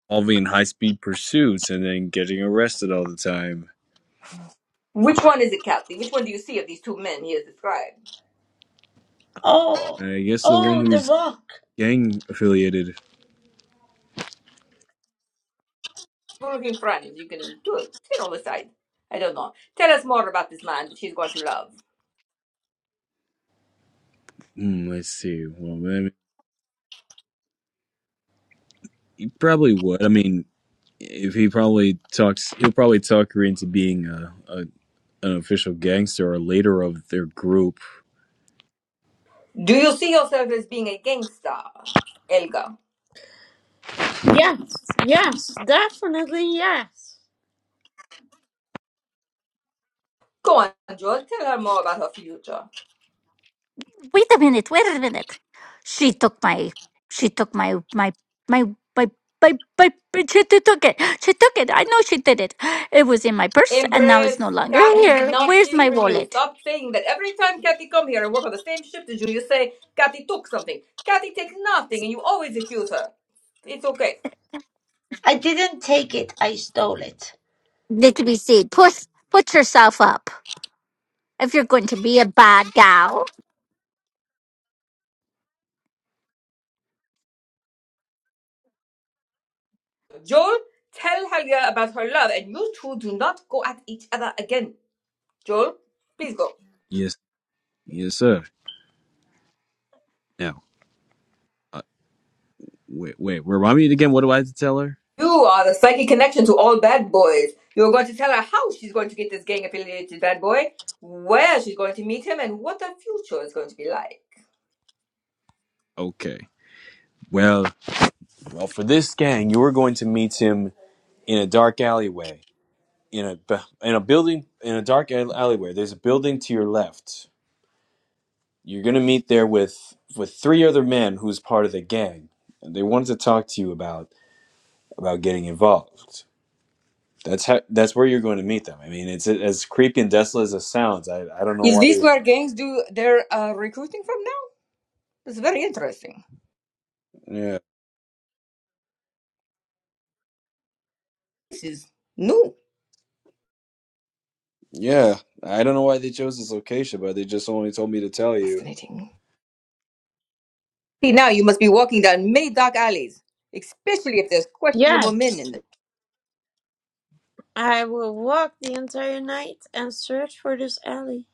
involving high speed pursuits and then getting arrested all the time. Which one is it, Kathy? Which one do you see of these two men he has described? Oh, I guess the one oh, the who's rock. gang affiliated. Google in front you can do it. Sit on the side. I don't know. Tell us more about this man that she's going to love. Hmm, let's see. Well, Probably would. I mean, if he probably talks, he'll probably talk her into being a, a an official gangster or leader of their group. Do you see yourself as being a gangster, Elga? Yes, yes, definitely yes. Go on, Joel. Tell her more about her future. wait a minute, wait a minute. She took my, she took my, my, my, my, my, my, my- she t- took it. She took it. I know she did it. It was in my purse and now it's no Empress, longer Kathy did here. not Where's steal my from you. wallet? Stop saying that. Every time Kathy come here and work on the same shift as you, you say Kathy took something. Kathy takes nothing, and you always accuse her. It's okay. I didn't take it, I stole it. Need to be seen. Push, put yourself up if you're going to be a bad gal. Joel, tell Helga about her love, and you two do not go at each other again. Joel, please go. Yes, yes, sir. Now, uh, wait, wait. Remind me again. What do I have to tell her? You are the psychic connection to all bad boys. You're going to tell her how she's going to get this gang affiliated bad boy, where she's going to meet him, and what the future is going to be like. Okay. Well, well, for this gang, you are going to meet him in a dark alleyway, in a bu- in a building, in a dark al- alleyway. There's a building to your left. You're going to meet there with with three other men who's part of the gang, and they wanted to talk to you about about getting involved. That's how, that's where you're going to meet them. I mean, it's as creepy and desolate as it sounds. I I don't know Is why. this they- where gangs do their uh, recruiting from now? It's very interesting. Yeah, This is new. yeah. I don't know why they chose this location, but they just only told me to tell you. Fascinating. See, now you must be walking down many dark alleys, especially if there's questionable men in Yes, them. I will walk the entire night and search for this alley.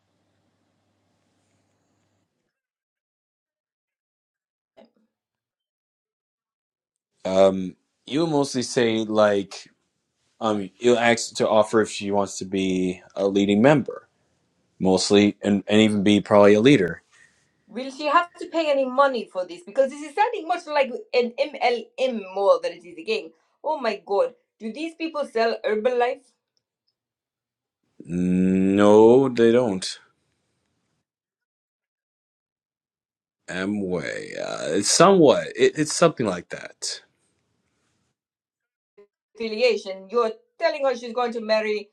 Um, you would mostly say like um, you'll ask to offer if she wants to be a leading member, mostly, and and even be probably a leader. Will she have to pay any money for this? Because this is sounding much like an MLM more than it is a game. Oh my God. Do these people sell Herbalife No, they don't. Amway, uh, it's somewhat. It, it's something like that. affiliation? You're telling her she's going to marry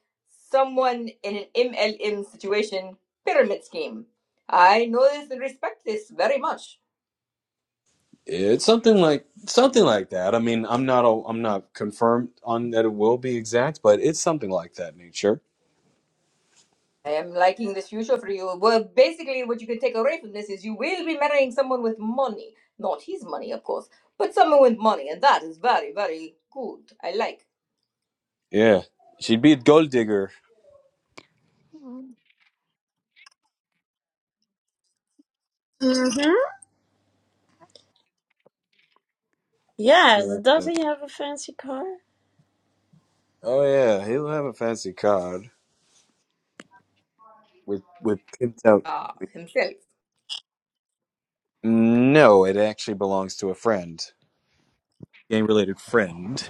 someone in an MLM situation pyramid scheme. I know this and respect this very much. It's something like something like that. I mean, I'm not a, I'm not confirmed on that it will be exact, but it's something like that nature. I am liking this future for you. Well, basically, what you can take away from this is you will be marrying someone with money. Not his money, of course, but someone with money. And that is very, very good. I like. Yeah, she'd be a gold digger. Mhm. Yes, Yeah. does he have a fancy car? Oh yeah, he'll have a fancy card with with pimped out. Ah, himself. No, it actually belongs to a friend, game related friend.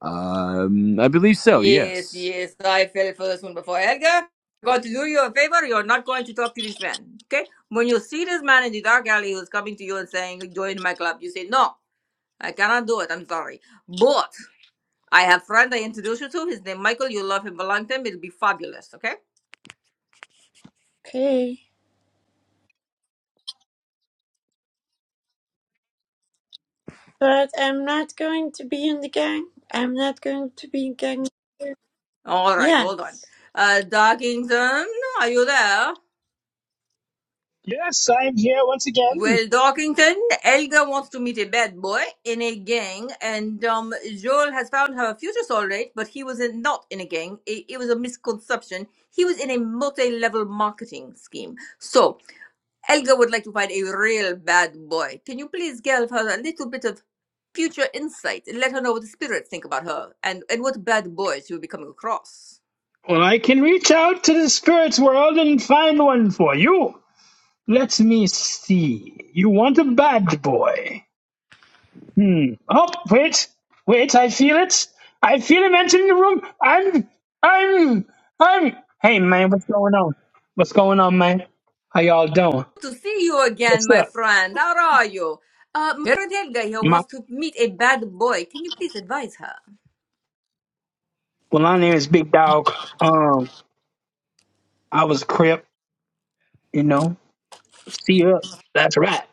Um, I believe so. Yes, Yes. yes, I fell for this one before. Edgar, got to do you a favor. You're not going to talk to this man, okay? When you see this man in the dark alley who's coming to you and saying, join my club, you say, no, I cannot do it. I'm sorry. But I have friend I introduced you to. His name Michael. You love him, belong to him. It'll be fabulous, okay? Okay. But I'm not going to be in the gang. I'm not going to be gang leader. All right, hold on. Yes. Uh, Darkington, are you there? Yes, I'm here once again. Well, Dorkington, Elga wants to meet a bad boy in a gang, and um, Joel has found her future soulmate, but he was in, not in a gang. It, it was a misconception. He was in a multi-level marketing scheme. So, Elga would like to find a real bad boy. Can you please give her a little bit of future insight and let her know what the spirits think about her and, and what bad boys she will be coming across? Well, I can reach out to the spirit world and find one for you. Let me see. You want a bad boy. Hmm. Oh, wait. Wait, I feel it. I feel him entering the room. I'm, I'm, I'm. Hey, man, what's going on? What's going on, man? How y'all doing? to see you again, my friend. How are you? Uh, my Helga here My, wants to meet a bad boy. Can you please advise her? well, my name is Big Dog. Um, I was a crip, you know. See ya. That's right.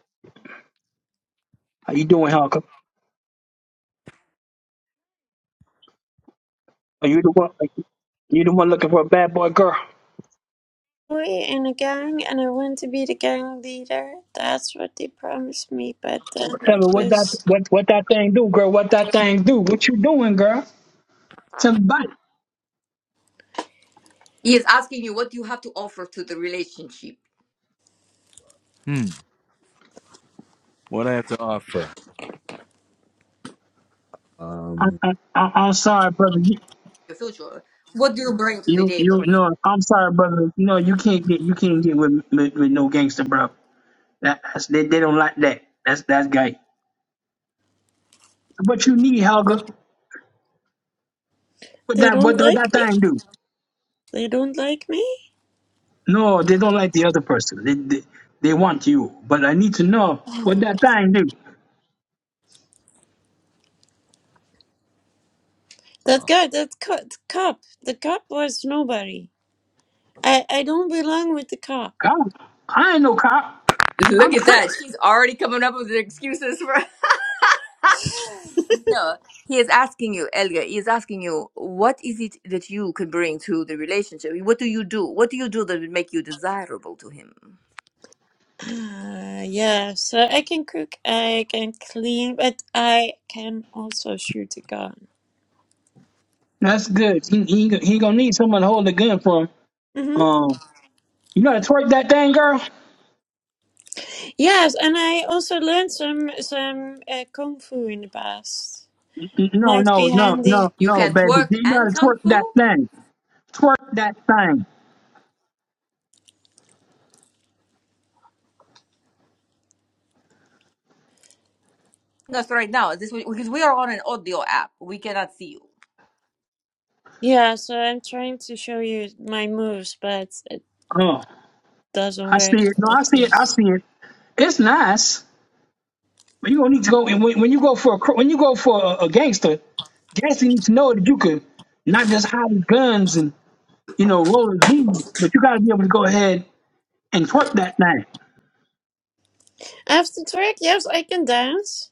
How you doing, Hulk? Are you the one? You the one looking for a bad boy girl? We're in a gang and I want to be the gang leader. That's what they promised me, but Well, then Tell me it what that was what what that thing do, girl? What that thing do? What you doing, girl? Tell me He is asking you what you have to offer to the relationship, Hmm. What I have to offer? I, Um. I, I, I'm sorry, brother. You, your future. What do you bring to the you you table? no. I'm sorry, brother. No, you can't get you can't get with with, with no gangster, bro. That, that's, they they don't like that. That's that's gay. So what you need, Helga? What they that don't what, what like that me. thing do? They don't like me. No, they don't like the other person. They, they they want you, but I need to know what Oh, that thing do. that guy, that co- the cop, the cop was nobody. I, I don't belong with the cop. Cop? I ain't no cop. I'm Look quick. at that. She's already coming up with excuses for. no, he is asking you, Helga. He is asking you, what is it that you could bring to the relationship? What do you do? What do you do that would make you desirable to him? Uh, yeah, so I can cook, I can clean, but I can also shoot a gun. That's good. He he he gonna need someone to hold the gun for him. hmm Um, you know how to twerk that thing, girl? Yes, and I also learned some some uh, kung fu in the past. N- No, Might be no, no, handy. no, You no, can baby. twerk you know and how to kung twerk that fu. thing? Twerk that thing. us right now. This because we are on an audio app. We cannot see you. Yeah, so I'm trying to show you my moves, but it Oh, doesn't I see work it. No, I like see it. I this. see it. It's nice, but you gonna need to go. And when, when you go for a cr- when you go for a, a gangster, gangster needs to know that you could not just hide his guns and you know roll his weed, but you gotta be able to go ahead and twerk that thing. After twerk, yes, I can dance.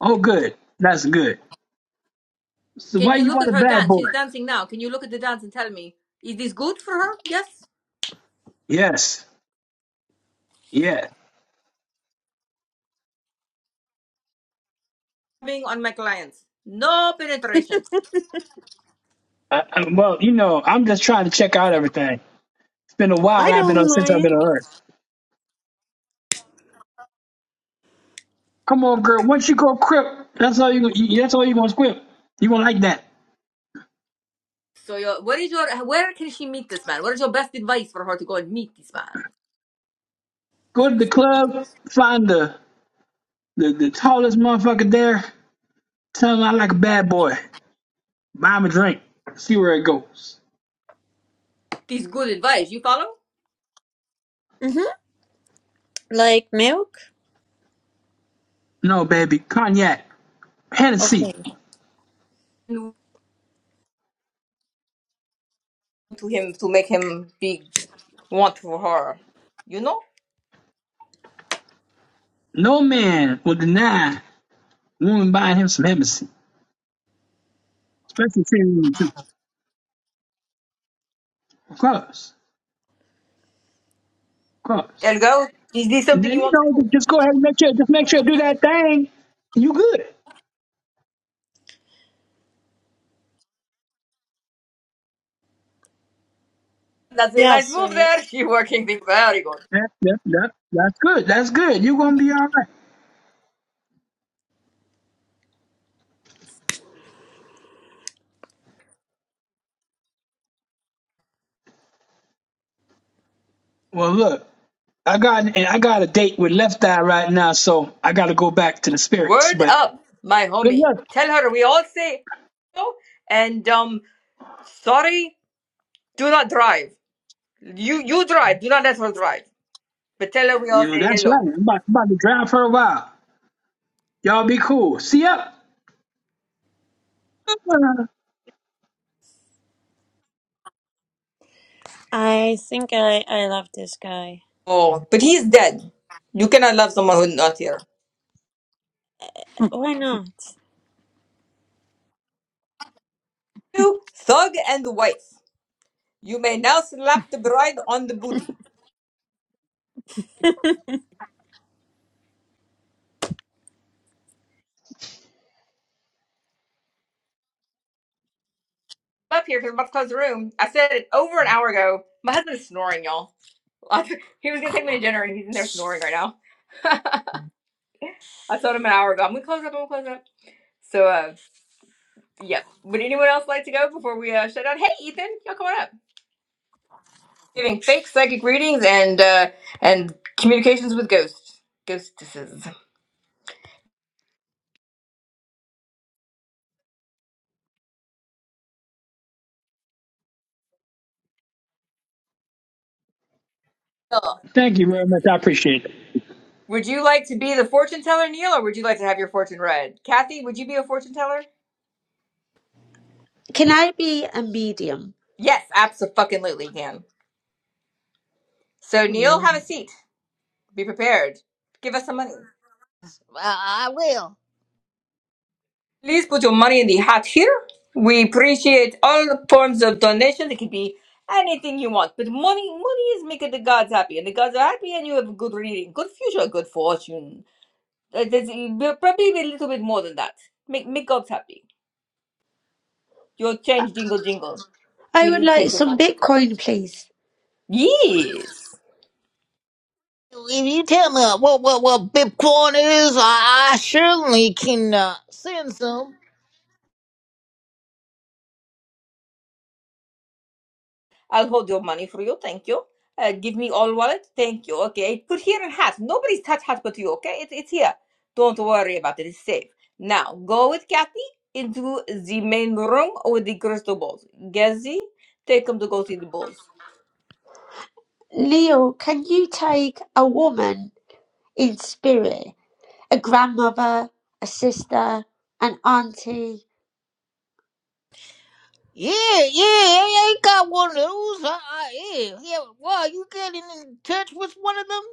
Oh, good. That's good. So Can why you you look want at a her bad dance? boy? She's dancing now. Can you look at the dance and tell me is this good for her? Yes. Yes. Yeah. Being on my clients, no penetration. I, I, well, you know, I'm just trying to check out everything. It's been a while. I I've been on don't since I've been on mind. Earth. Come on, girl. Once you go crip, that's all you. going you- That's all you gonna squip. You gonna like that? So your what is your where can she meet this man? What is your best advice for her to go and meet this man? Go to the club, find the the, the tallest motherfucker there. Tell him I like a bad boy. Buy him a drink. See where it goes. This good advice you follow hmm Like milk. No, baby, cognac, Hennessy. Okay. to him to make him be want for her. You know, No man will deny a woman buying him some Hennessy, especially if she's too. Of course, of course. Elgo, is this And something then you you want to know, do? just go ahead and make sure, just make sure do that thing. and You good? That's a nice Yes, so move there. She working thing very good. That, that, that, that's good. That's good. You're gonna be all right. Well, look, I got and I got a date with Left Eye right now, so I got to go back to the spirits. Word But up, my good homie. luck. Tell her we all say hello and um sorry, do not drive. You you drive, do not let her drive. But tell her we You all know, say that's hello. right. I'm about, about to drive for a while. Y'all be cool. See ya. I think I I love this guy. Oh, but he's dead. You cannot love someone who's not here. Why not? Two, thug and wife. You may now slap the bride on the booty. Up here because I'm about to close the room. I said it over an hour ago. My husband's snoring, y'all. He was gonna take me to dinner and he's in there snoring right now. I told him an hour ago. I'm gonna close up. I'm gonna close up. So uh, Yep. Would anyone else like to go before we uh, shut down? Hey, Ethan, y'all come on up. Giving fake psychic readings and uh, and communications with ghosts, ghostesses. Neil, Thank you very much. I appreciate it. Would you like to be the fortune teller, Neil, or would you like to have your fortune read? Kathy, would you be a fortune teller? Can I be a medium? Yes, absolutely, you can. So Neil, have a seat. Be prepared. Give us some money. I, I will. Please put your money in the hat here. We appreciate all forms of donation. It could be anything you want, but money, money is making the gods happy, and the gods are happy, and you have good reading, good future, good fortune. Uh, There's uh, probably a little bit more than that. Make make gods happy. Your change, jingle, jingle. I We would need like change of some all. Bitcoin, please. Yes. If you tell me what what what Bitcoin is, I, I certainly can uh, send some. I'll hold your money for you. Thank you. Uh, give me all wallet. Thank you. Okay. Put here in hat. Nobody's touch hat but you. Okay. It, it's here. Don't worry about it. It's safe. Now go with Kathy into the main room with the crystal balls. Gezi, take them to go see the balls. Neil, can you take a woman in spirit? A grandmother, a sister, an auntie? Yeah, yeah, I ain't got one of those. I, I, yeah, yeah. Wow, you getting in touch with one of them?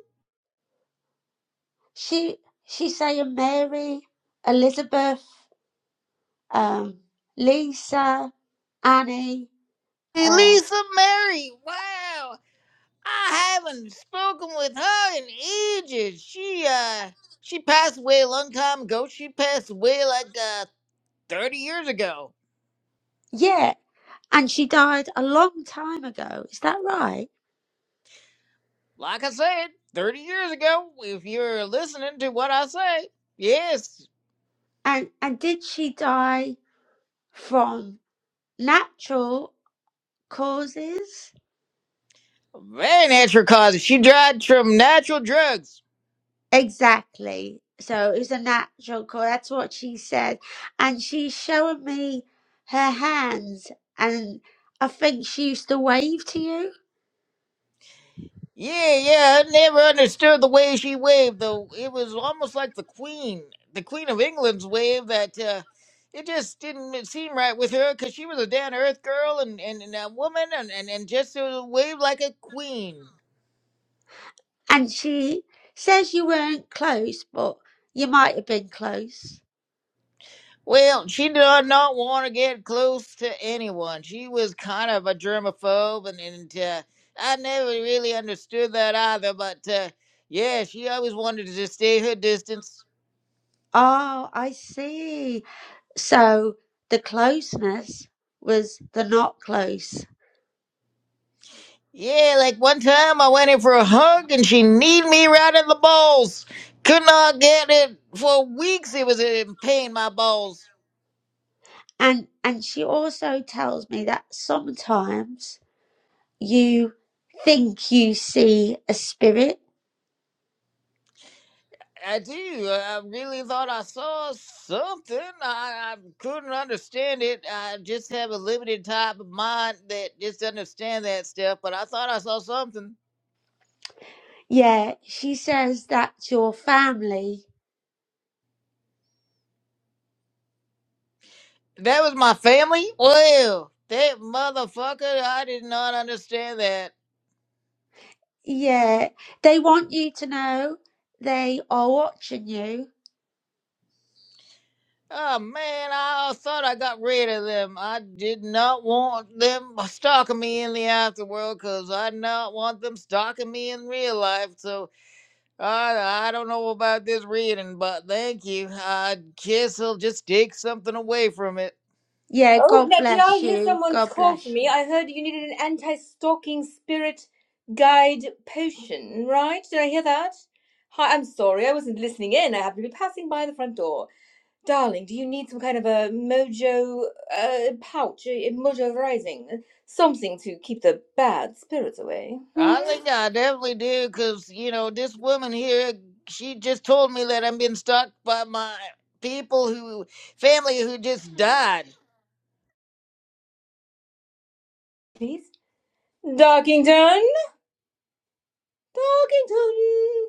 She she's saying Mary, Elizabeth, um, Lisa, Annie. Uh, Elisa Mary. Wow, I haven't spoken with her in ages. She uh, she passed away a long time ago. She passed away like uh, thirty years ago. yeah, and she died a long time ago. Is that right? Like I said, 30 years ago, if you're listening to what I say, yes, And and did she die from natural causes? very natural causes. She died from natural drugs. Exactly. So it was a natural cause. That's what she said. And she's showing me her hands, and I think she used to wave to you. Yeah, yeah, I never understood the way she waved, though. It was almost like the Queen, the Queen of England's wave that, uh, it just didn't seem right with her because she was a down earth girl and, and, and a woman and, and, and just uh, waved like a queen. And she says you weren't close, but you might have been close. Well, she did not want to get close to anyone. She was kind of a germaphobe, and, and uh, I never really understood that either. But uh, yeah, she always wanted to just stay her distance. Oh, I see. So the closeness was the not close. Yeah, like one time I went in for a hug, and she kneed me right in the balls. Could not get it for weeks. It was in pain, my balls. And and she also tells me that sometimes you think you see a spirit. I do. I really thought I saw something. I, I couldn't understand it. I just have a limited type of mind that just understand that stuff. But I thought I saw something. Yeah, she says that your family, That was my family. Well, that motherfucker. I did not understand that. yeah, they want you to know they are watching you Oh man, I thought I got rid of them. I did not want them stalking me in the afterworld because I did not want them stalking me in real life. So Uh, I don't know about this reading, but thank you. I guess I'll just take something away from it. Yeah, Oh, God Nadia, I bless hear you. someone's God call for bless me. you. I heard you needed an anti-stalking spirit guide potion, right? Did I hear that? Hi, I'm sorry. I wasn't listening in. I happened to be passing by the front door. Darling, do you need some kind of a mojo uh, pouch, a a mojo rising? Something to keep the bad spirits away? I Hmm? think I definitely do, because, you know, this woman here, she just told me that i am being stalked by my people who, family who just died. Please? Darkington! Darkington!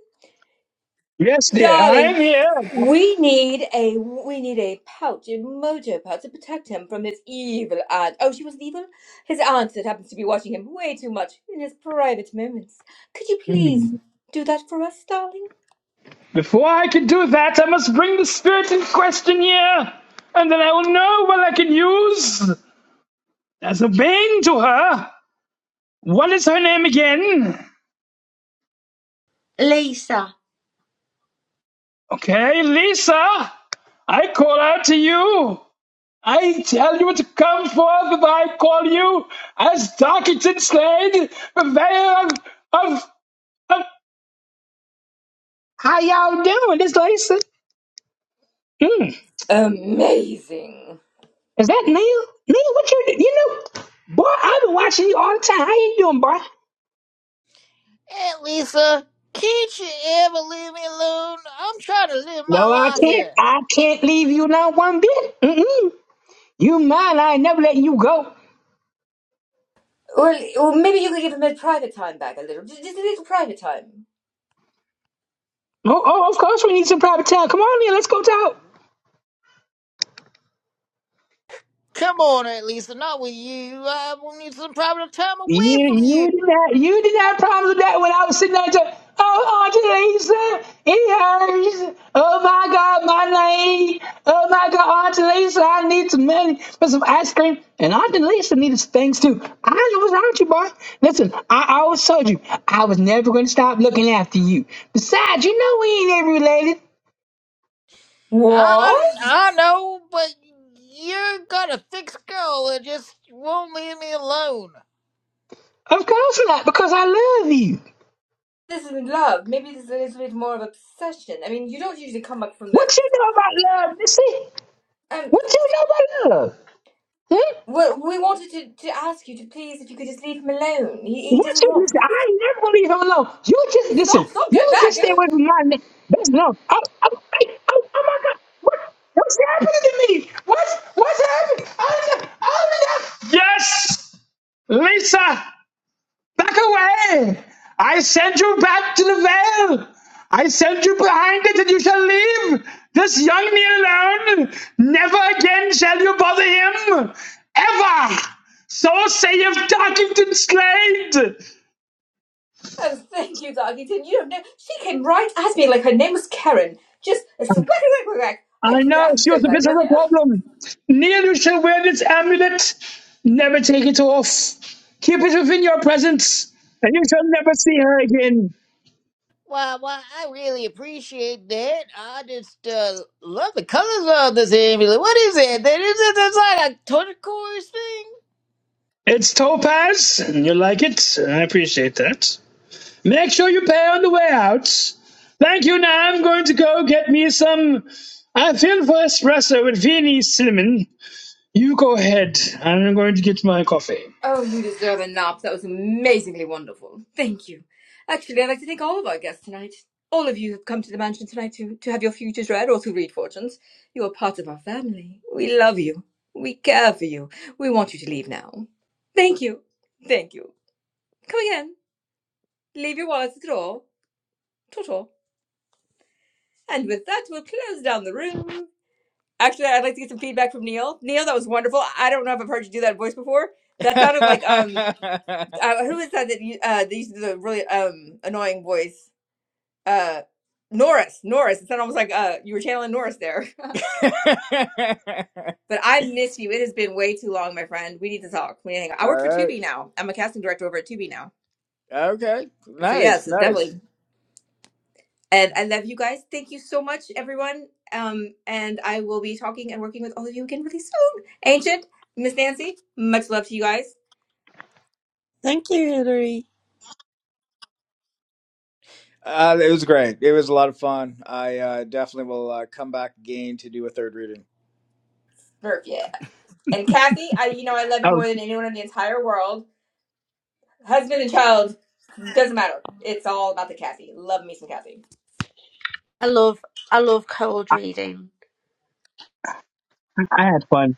Yes, dear. I Darling, am here. we need a we need a pouch, a mojo pouch to protect him from his evil aunt. Oh, she wasn't evil? His aunt that happens to be watching him way too much in his private moments. Could you please do that for us, darling? Before I can do that, I must bring the spirit in question here, and then I will know what I can use. There's a vein to her. What is her name again? Lisa, Okay, Lisa. I call out to you. I tell you to come forth if I call you as Darkington Slade, purveyor of, of, of. How y'all doing? This Lisa. Mm. Amazing. Is that Neil? Neil, what you You know, boy, I've been watching you all the time. How you doing, boy? Hey, Lisa, can't you ever leave me alone? I'm trying to live my No, I life can't. here. I can't leave you not one bit. Mm-mm. You mine. I ain't never letting you go. Well, or maybe you could give him a private time back a little. Just, just a little private time. Oh, oh, of course we need some private time. Come on in, let's go talk. Come on, Aunt Lisa, not with you. I will need some private time You, away from you. you did not, you did not promise that when I was sitting there. To, oh, Auntie Lisa, it hurts. Oh my God, my name. Oh my God, Auntie Lisa, I need some money for some ice cream. And Auntie Lisa needed some things too. I was out you, boy. Listen, I always told you I was never going to stop looking after you. Besides, you know we ain't ever related. I, What? I know, but you got a thick skull that just won't leave me alone. Of course we're not, because I love you. This isn't love. Maybe this is a little bit more of a possession. I mean, you don't usually come up from the. What you know about love, Missy? Um. What you know about love? Hmm? Well, we wanted to, to ask you to please, if you could just leave him alone. He, he What doesn't you want to listen? be. I ain't never gonna leave him alone. You just listen. Stop! Stop! Go You back! just Go. stay away from my name. That's love. Oh, oh, hey, oh, oh my God! What, what's happening to me? What's what's happening? Oh, no, oh, no. Yes, Lisa. Back away! I send you back to the veil! I send you behind it and you shall leave! This young man alone! Never again shall you bother him! Ever! So saith Tarkington Slade! Oh, thank you, Darlington. You don't know. She came right at me like her name was Karen. Just a swack, whack, whack. I I didn't. know, I'm she so was a glad bit of you're a here. problem. Neil, you shall wear this amulet. Never take it off. Keep it within your presence, and you shall never see her again. Well, well, I really appreciate that. I just uh, love the colors of this amulet. What is it? That is it. That's like It's topaz, and you like it. I appreciate that. Make sure you pay on the way out. Thank you. Now I'm going to go get me some. I feel for espresso with Viennese cinnamon. You go ahead. I'm going to get my coffee. Oh, you deserve a nap. That was amazingly wonderful. Thank you. Actually, I'd like to thank all of our guests tonight. All of you have come to the mansion tonight to, to have your futures read or to read fortunes. You are part of our family. We love you. We care for you. We want you to leave now. Thank you. Thank you. Come again. Leave your wallets at the door. Toto. And with that, we'll close down the room. Actually, I'd like to get some feedback from Neil. Neil, that was wonderful. I don't know if I've heard you do that voice before. That sounded like um, a turquoise thing. uh, who is that that you uh that used to do the really um annoying voice? Uh, Norris. Norris. It sounded almost like uh you were channeling Norris there. But I miss you. It has been way too long, my friend. We need to talk. We need to hang out. I Uh, work for Tubi now. I'm a casting director over at Tubi now. okay. So yes, definitely. And I love you guys. Thank you so much, everyone. Um, and I will be talking and working with all of you again really soon. Ancient, Miss Nancy, much love to you guys. Thank you, Hillary. Uh, it was fun. I uh, definitely will uh, come back again to do a third reading. Verb, yeah. And Kathy, I you know I love you Oh, more than anyone in the entire world. Husband and child, doesn't matter. It's all about the Kathy. Love me some Kathy. I love I love cold reading. I had fun.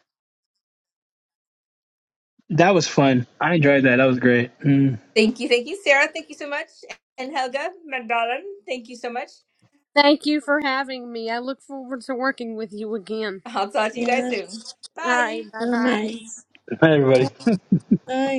That was fun. I enjoyed that. That was great. Mm. Thank you, thank you, Sarah. Thank you so much. And Helga, my darling, thank you so much. Thank you for having me. I look forward to working with you again. I'll talk to you guys Yeah, it's soon. All Bye. right. Bye so bye. nice. Hi, everybody. Bye.